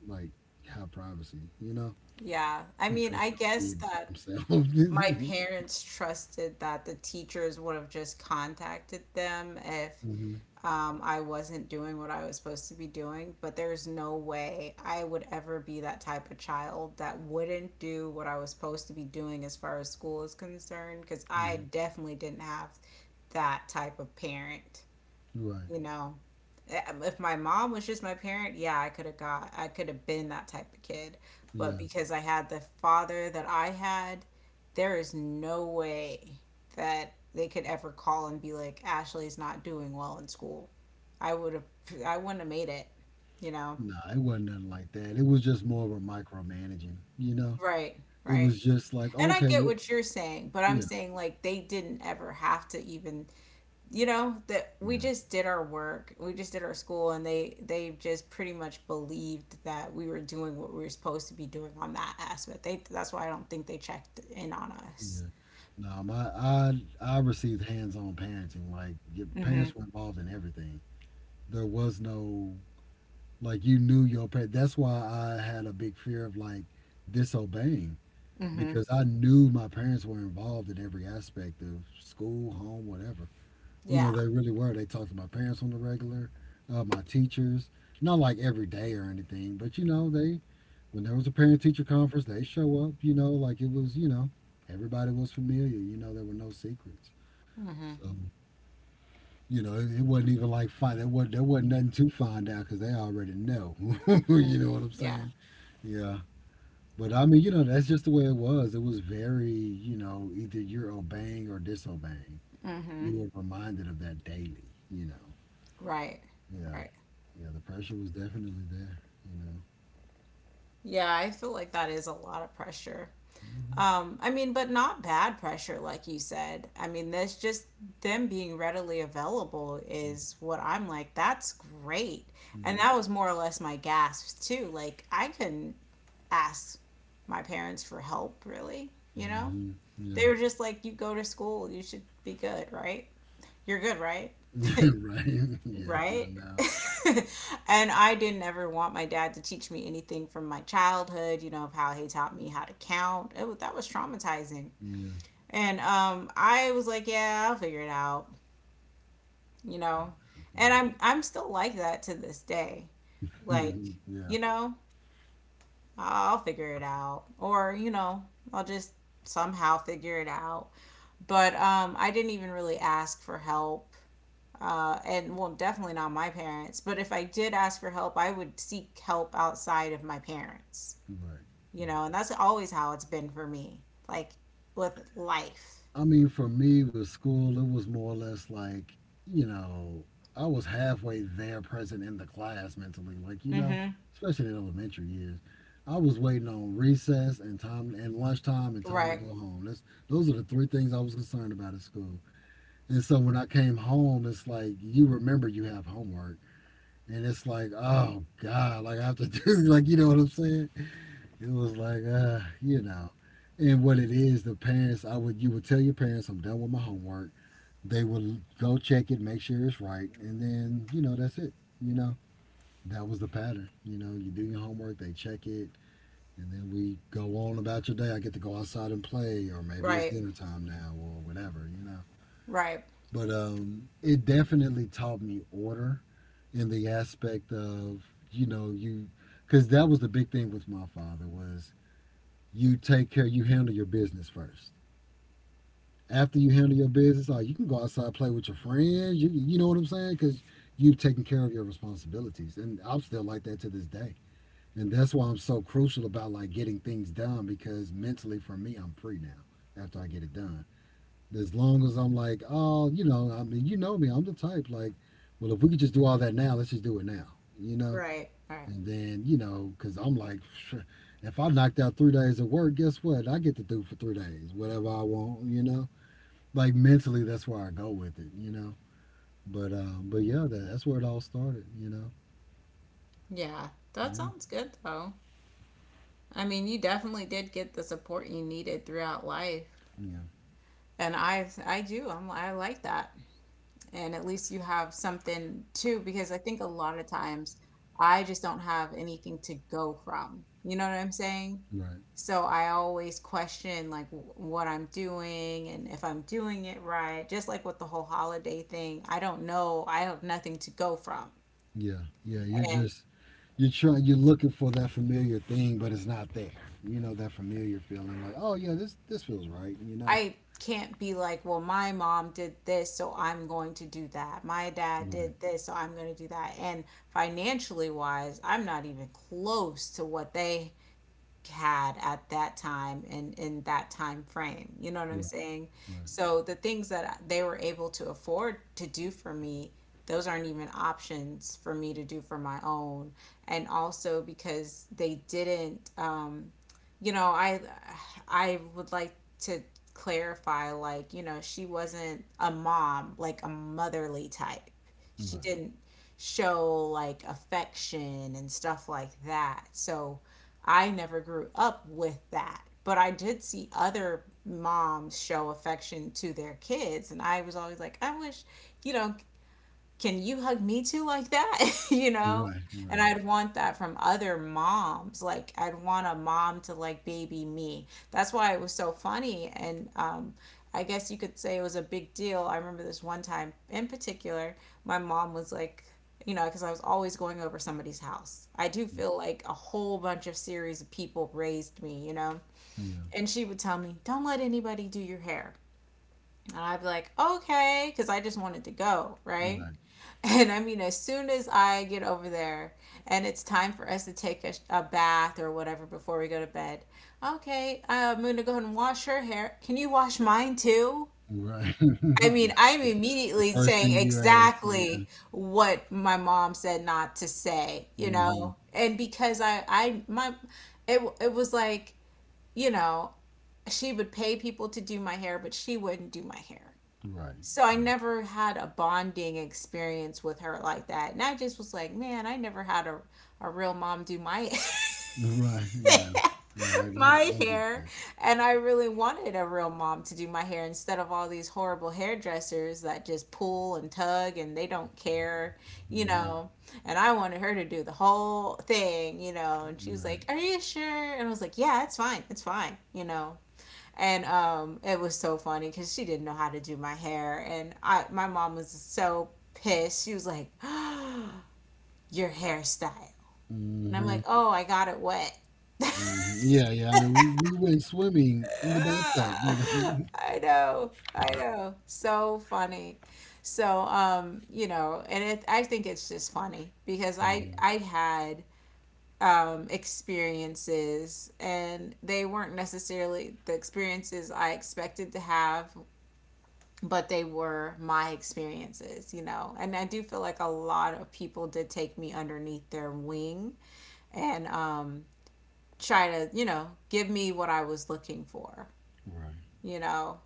B: like have privacy. You know,
A: Yeah, I
B: you
A: mean,
B: trust
A: I
B: no
A: guess
B: kid by
A: that
B: themselves.
A: my parents trusted that the teachers would have just contacted them if
B: Hmm.
A: I wasn't doing what I was supposed to be doing, but there's no way I would ever be that type of child that wouldn't do what I was supposed to be doing as far as school is concerned, because I
B: Hmm.
A: definitely didn't have that type of parent,
B: Right.
A: you know. If my mom was just my parent, yeah, I could have been that type of kid,
B: Yeah.
A: but because I had the father that I had, there is no way that they could ever call and be like, Ashley's not doing well in school. i would have I wouldn't have made it, you know.
B: Nah, it wasn't nothing like that. It was just more of a micromanaging. You know,
A: Right,
B: it
A: right.
B: was just like
A: And I
B: okay,
A: get
B: well,
A: what you're saying, but I'm
B: yeah.
A: saying like they didn't ever have to even, you know, that we
B: Yeah,
A: just did our work, we just did our school, and they just pretty much believed that we were doing what we were supposed to be doing on that aspect. They That's why I don't think they checked in on us.
B: yeah. No, my I received hands-on parenting. Like your
A: Hmm.
B: parents were involved in everything. There was no, like you knew your parents. That's why I had a big fear of like disobeying,
A: Hmm.
B: because I knew my parents were involved in every aspect of school, home, whatever. You know,
A: Yeah.
B: they really were. They talked to my parents on the regular, my teachers. Not like every day or anything, but you know, they, when there was a parent teacher conference, they show up, you know, like it was, you know, everybody was familiar, you know, there were no secrets.
A: Hmm.
B: So, you know, it wasn't even like find, there wasn't nothing to find out because they already know. You know what I'm
A: Yeah.
B: saying? Yeah. But I mean, you know, that's just the way it was. It was very, you know, either you're obeying or disobeying.
A: Hmm.
B: You were reminded of that daily, you know.
A: Right.
B: Yeah.
A: Right.
B: Yeah, the pressure was definitely there, you know.
A: Yeah, I feel like that is a lot of pressure. I mean, but not bad pressure, like you said. I mean, that's just them being readily available
B: Hmm.
A: is what I'm like, that's great. And
B: Hmm.
A: that was more or less my gasp, too. Like, I couldn't ask my parents for help, really, you know?
B: Hmm.
A: They
B: Yeah.
A: were just like, you go to school, you should be good, right? You're good, right?
B: Right? Yeah, I
A: Right?
B: know.
A: And I didn't ever want my dad to teach me anything from my childhood, you know, of how he taught me how to count. It, that was traumatizing.
B: Yeah,
A: And I was like, yeah, I'll figure it out, you
B: I know.
A: know. And
B: Yeah,
A: I'm still like that to this day. Like,
B: yeah,
A: you know, I'll figure it out, or, you know, I'll just somehow figure it out. But I didn't even really ask for help, and well, definitely not my parents. But if I did ask for help, I would seek help outside of my parents,
B: right,
A: you
B: right.
A: know, and that's always how it's been for me, like with life.
B: I mean, for me with school, it was more or less like, you know, I was halfway there, present in the class mentally, like you know,
A: Mm-hmm.
B: especially in elementary years. I was waiting on recess and time and lunchtime and time to
A: Right,
B: go home. That's, those are the three things I was concerned about at school. And so when I came home, it's like you remember you have homework, and it's like, oh God, like I have to do, like you know what I'm saying? It was like, you know, and what it is, the parents, you would tell your parents, I'm done with my homework. They would go check it, make sure it's right, and then you know that's it. You know that was the pattern. You know, you do your homework, they check it, and then we go on about your day. I get to go outside and play, or maybe it's
A: right,
B: dinner time now, or whatever. You know,
A: right,
B: but it definitely taught me order in the aspect of, you know, you, because that was the big thing with my father was, you take care, you handle your business first, after you handle your business like you can go outside and play with your friends. You know what I'm saying, because you've taken care of your responsibilities. And I'm still like that to this day, and that's why I'm so crucial about like getting things done, because mentally for me I'm free now after I get it done. As long as I'm like oh, you know, I mean you know me, I'm the type like, well if we could just do all that now, let's just do it now, you know.
A: right, right.
B: And then, you know, because I'm like, "Psh, if I knocked out 3 days of work, guess what? I get to do for 3 days, whatever I want, you know? Like mentally, that's where I go with it, you know? But yeah, that's where it all started, you know?
A: Yeah, that
B: Yeah.
A: sounds good though. I mean, you definitely did get the support you needed throughout life,
B: Yeah.
A: and I do. I like that. And at least you have something too, because I think a lot of times I just don't have anything to go from, you know what I'm saying?
B: Right.
A: So I always question like what I'm doing and if I'm doing it right, just like with the whole holiday thing. I don't know, I have nothing to go from.
B: Yeah. Yeah. You're
A: And
B: just, you're trying, you're looking for that familiar thing, but it's not there. You know, that familiar feeling like, oh, yeah, this feels right, you know?
A: I can't be like, well, my mom did this so I'm going to do that, my dad
B: Right.
A: did this so I'm going to do that. And financially wise, I'm not even close to what they had at that time and in that time frame. You know what I'm
B: Right.
A: saying?
B: Right.
A: So the things that they were able to afford to do for me, those aren't even options for me to do for my own. And also because they didn't, you know, I would like to clarify, like, you know, she wasn't a mom, like a motherly type. She
B: Right.
A: didn't show like affection and stuff like that. So I never grew up with that, but I did see other moms show affection to their kids and I was always like, I wish, you know, can you hug me too like that? You know?
B: Right.
A: And
B: Right.
A: I'd want that from other moms. Like I'd want a mom to like baby me. That's why it was so funny. And I guess you could say it was a big deal. I remember this one time in particular, my mom was like, you know, because I was always going over somebody's house. I do
B: Yeah.
A: feel like a whole bunch of series of people raised me, you know?
B: Yeah.
A: And she would tell me, don't let anybody do your hair. And I'd be like, okay, because I just wanted to go, right?
B: Right.
A: And I mean, as soon as I get over there and it's time for us to take a bath or whatever before we go to bed, okay, I'm going to go ahead and wash her hair. Can you wash mine too?
B: Right.
A: I mean,
B: Yeah.
A: I'm
B: The the
A: immediately
B: first
A: saying
B: thing you ask. Yeah.
A: exactly what my mom said not to say, you
B: Hmm.
A: know? And because it, it was like, you know, she would pay people to do my hair, but she wouldn't do my hair.
B: Right.
A: So I
B: Right.
A: never had a bonding experience with her like that. And I just was like, man, I never had a real mom do my
B: Right. Yeah. Yeah. I, I,
A: my
B: I get
A: hair.
B: that.
A: And I really wanted a real mom to do my hair instead of all these horrible hairdressers that just pull and tug and they don't care, you
B: Hmm.
A: know. And I wanted her to do the whole thing, you know. And she was like,
B: Right.
A: "Are you sure?" And I was like, "Yeah, it's fine. It's fine," you know. And it was so funny because she didn't know how to do my hair, and I my mom was so pissed. She was like, "Oh, your hairstyle,"
B: Hmm.
A: and I'm like,
B: Hmm.
A: "Oh, I got it wet."
B: Yeah. Yeah. I know. We went swimming in the bathtub. You know.
A: I know, so funny. And it I think it's just funny because I
B: Hmm.
A: I had experiences and they weren't necessarily the experiences I expected to have, but they were my experiences, you know. And I do feel like a lot of people did take me underneath their wing and try to, you know, give me what I was looking for,
B: Right.
A: you know.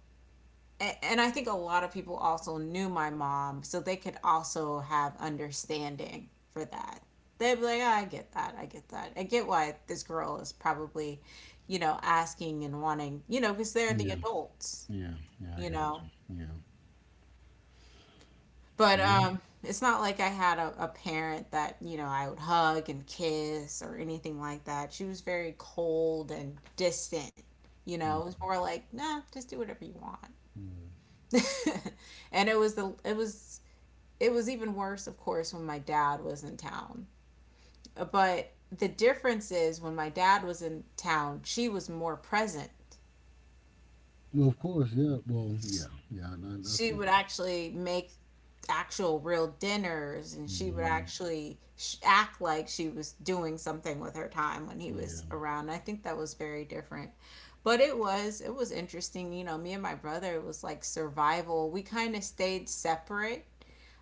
A: And I think a lot of people also knew my mom, so they could also have understanding for that. They'd be like, oh, I get that. I get that. I get why this girl is probably, you know, asking and wanting, you know, because they're the
B: Yeah.
A: adults,
B: Yeah. Yeah. I
A: you
B: got
A: know.
B: you. Yeah.
A: But
B: Yeah.
A: um, it's not like I had a parent that, you know, I would hug and kiss or anything like that. She was very cold and distant, you know.
B: Mm,
A: It was more like, nah, just do whatever you want.
B: yeah.
A: And it was the it was even worse, of course, when my dad was in town. But the difference is when my dad was in town, she was more present.
B: Well, of course. Yeah. Well. Yeah. Yeah. I
A: She
B: see
A: would
B: that.
A: actually make actual real dinners, and she would
B: Hmm.
A: actually act like she was doing something with her time when he was
B: Yeah.
A: around. I think that was very different. But it was interesting, you know, me and my brother, it was like survival. We kind of stayed separate,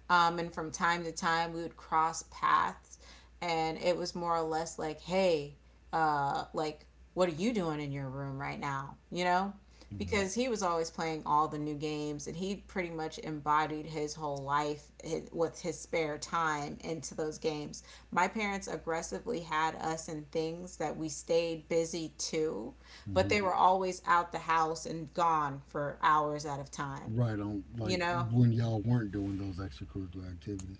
A: and from time to time, we would cross paths, and it was more or less like, hey, uh, like, what are you doing in your room right now? You know?
B: Right.
A: Because he was always playing all the new games, and he pretty much embodied his whole life with his spare time into those games. My parents aggressively had us in things that we stayed busy to, but
B: Mm-hmm.
A: they were always out the house and gone for hours at a time,
B: Right on, like
A: you know?
B: when y'all weren't doing those extracurricular activities.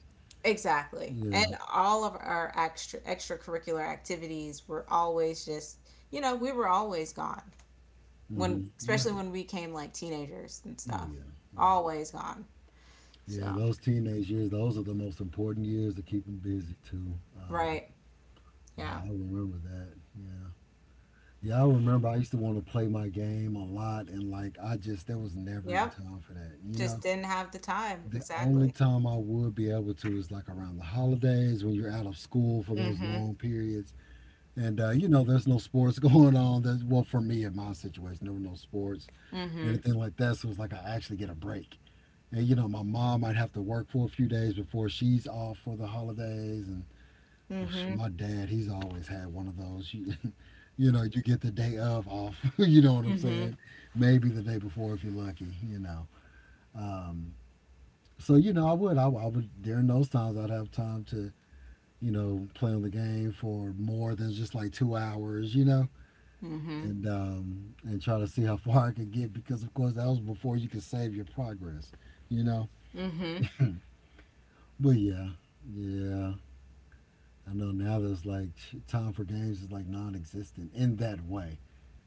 A: Exactly. And
B: Yeah.
A: all of our extracurricular activities were always just, you know, we were always gone. When
B: Hmm. Yeah.
A: especially when we came like teenagers and
B: Oh
A: stuff.
B: yeah. Yeah.
A: Always gone.
B: Yeah.
A: So,
B: Those teenage years, those are the most important years to keep them busy too. Um,
A: right.
B: yeah,
A: Yeah.
B: I remember that. Yeah. Yeah, I remember I used to want to play my game a lot, and like I just there was never any
A: Yep.
B: time for that. You
A: Just
B: know,
A: didn't have the time.
B: the only
A: Exactly.
B: time I would be able to is like around the holidays when you're out of school for those
A: Mhm.
B: long periods. And you know, there's no sports going on. There's, well, for me in my situation, there were no sports or
A: Mhm.
B: anything like that. So it's like I actually get a break. And you know, my mom might have to work for a few days before she's off for the holidays. And ugh,
A: Mhm.
B: my dad, he's always had one of those. You, you know, you get the day of off. You know what I'm
A: Mhm.
B: saying? Maybe the day before if you're lucky. You know. Um, so you know, I would during those times, I'd have time to you know play on the game for more than just like two hours. You know
A: Mhm.
B: and try to see how far I could get because of course that was before you could save your progress, you know.
A: Mhm.
B: But yeah, yeah, I know now there's like time for games is like non-existent in that way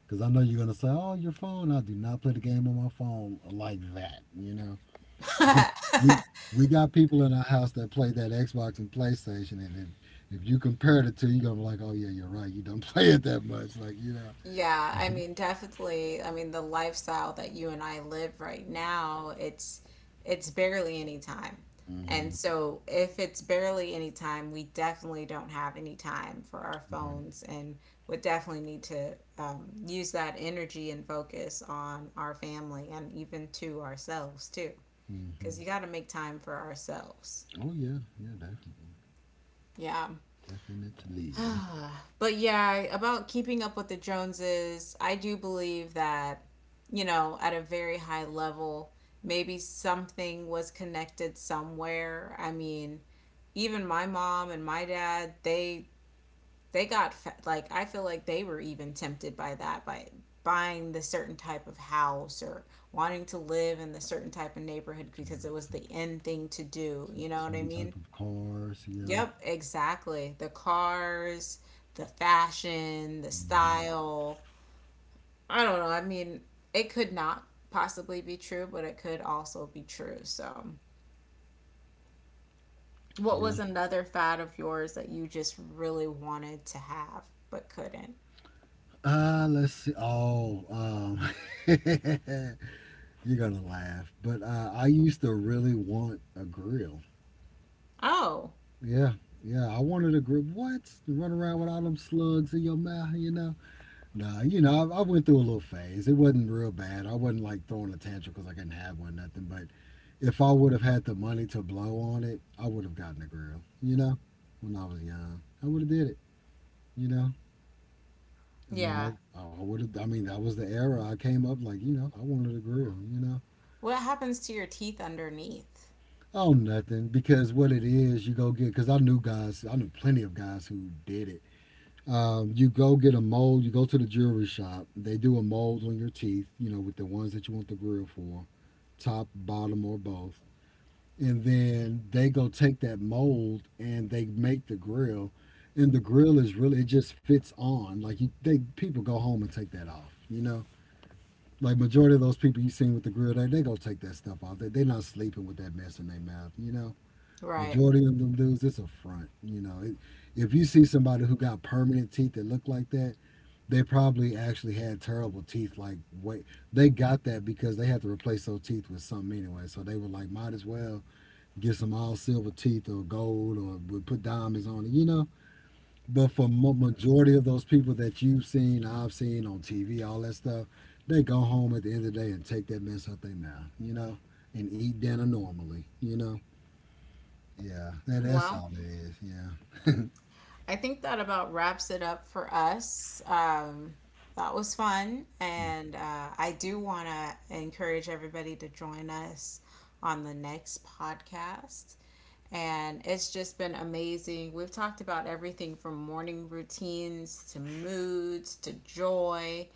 B: because I know you're gonna say, oh, your phone. I do not play the game on my phone like that, you know. we we got people in our house that play that Xbox and PlayStation, and if you compare it to you're gonna be like, oh yeah, you're right. You don't play it that much, like you know.
A: Yeah, I mean, definitely. I mean, the lifestyle that you and I live right now, it's barely any time. And
B: Hmm.
A: so if it's barely any time, we definitely don't have any time for our
B: Right.
A: phones and would definitely need to use that energy and focus on our family and even to ourselves too, because
B: Hmm.
A: you got to make time for ourselves.
B: Oh yeah, yeah, definitely.
A: Yeah.
B: Definitely.
A: But yeah, about keeping up with the Joneses, I do believe that, you know, at a very high level, maybe something was connected somewhere. I mean, even my mom and my dad, they like I feel like they were even tempted by that by buying the certain type of house or wanting to live in the certain type of neighborhood because it was
B: Yeah.
A: the end thing to do,
B: S-
A: you know what I
B: Some
A: mean?
B: type of cars. Yeah.
A: Yep, exactly. The cars, the fashion, the
B: Hmm.
A: style. I don't know. I mean, it could not possibly be true, but it could also be true. So, what
B: Yeah.
A: was another fad of yours that you just really wanted to have but couldn't?
B: Let's see. Oh, you're gonna laugh, but I used to really want a grill.
A: Oh,
B: Yeah, yeah. I wanted a grill. What? To run around with all them slugs in your mouth, you know? Nah, you know, I went through a little phase. It wasn't real bad. I wasn't like throwing a tantrum because I couldn't have one, nothing. But if I would have had the money to blow on it, I would have gotten a grill. You know, when I was young, I would have did it. You know, I mean,
A: yeah.
B: I would have. I mean, that was the era I came up. Like, you know, I wanted a grill. You know,
A: What happens to your teeth underneath?
B: oh nothing because what it is, you go get. Because I knew guys, I knew plenty of guys who did it. You go get a mold. You go to the jewelry shop. They do a mold on your teeth. You know, with the ones that you want the grill for top, bottom, or both. And then they go take that mold and they make the grill. And the grill is really it just fits on. Like you, they people go home and take that off. You know, like majority of those people you seen with the grill, they go take that stuff off. They not sleeping with that mess in their mouth. You know,
A: Right.
B: majority of them dudes, it's a front. You know, it, if you see somebody who got permanent teeth that look like that, they probably actually had terrible teeth. Like, wait, they got that because they had to replace those teeth with something anyway. So they were like, might as well get some all silver teeth or gold or would put diamonds on it, you know. But for majority of those people that you've seen, I've seen on TV, all that stuff, they go home at the end of the day and take that mess out their mouth, you know, and eat dinner normally, you know. Yeah, that's
A: Well,
B: all it is. Yeah.
A: I think that about wraps it up for us. That was fun.
B: Yeah.
A: And I do want to encourage everybody to join us on the next podcast. And it's just been amazing. We've talked about everything from morning routines to moods to joy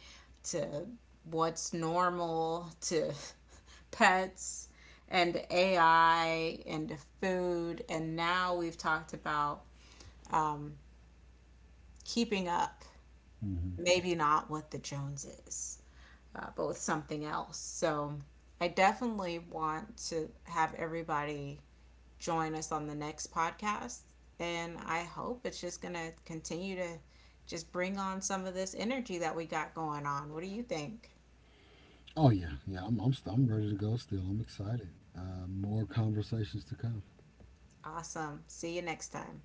A: to what's normal to pets and AI and to food. And now we've talked about keeping up,
B: Hmm.
A: maybe not with the Joneses, but with something else. So I definitely want to have everybody join us on the next podcast. And I hope it's just going to continue to just bring on some of this energy that we got going on. What do you think?
B: Oh yeah, yeah. I'm ready to go. Still, I'm excited. More conversations to come.
A: Awesome. See you next time.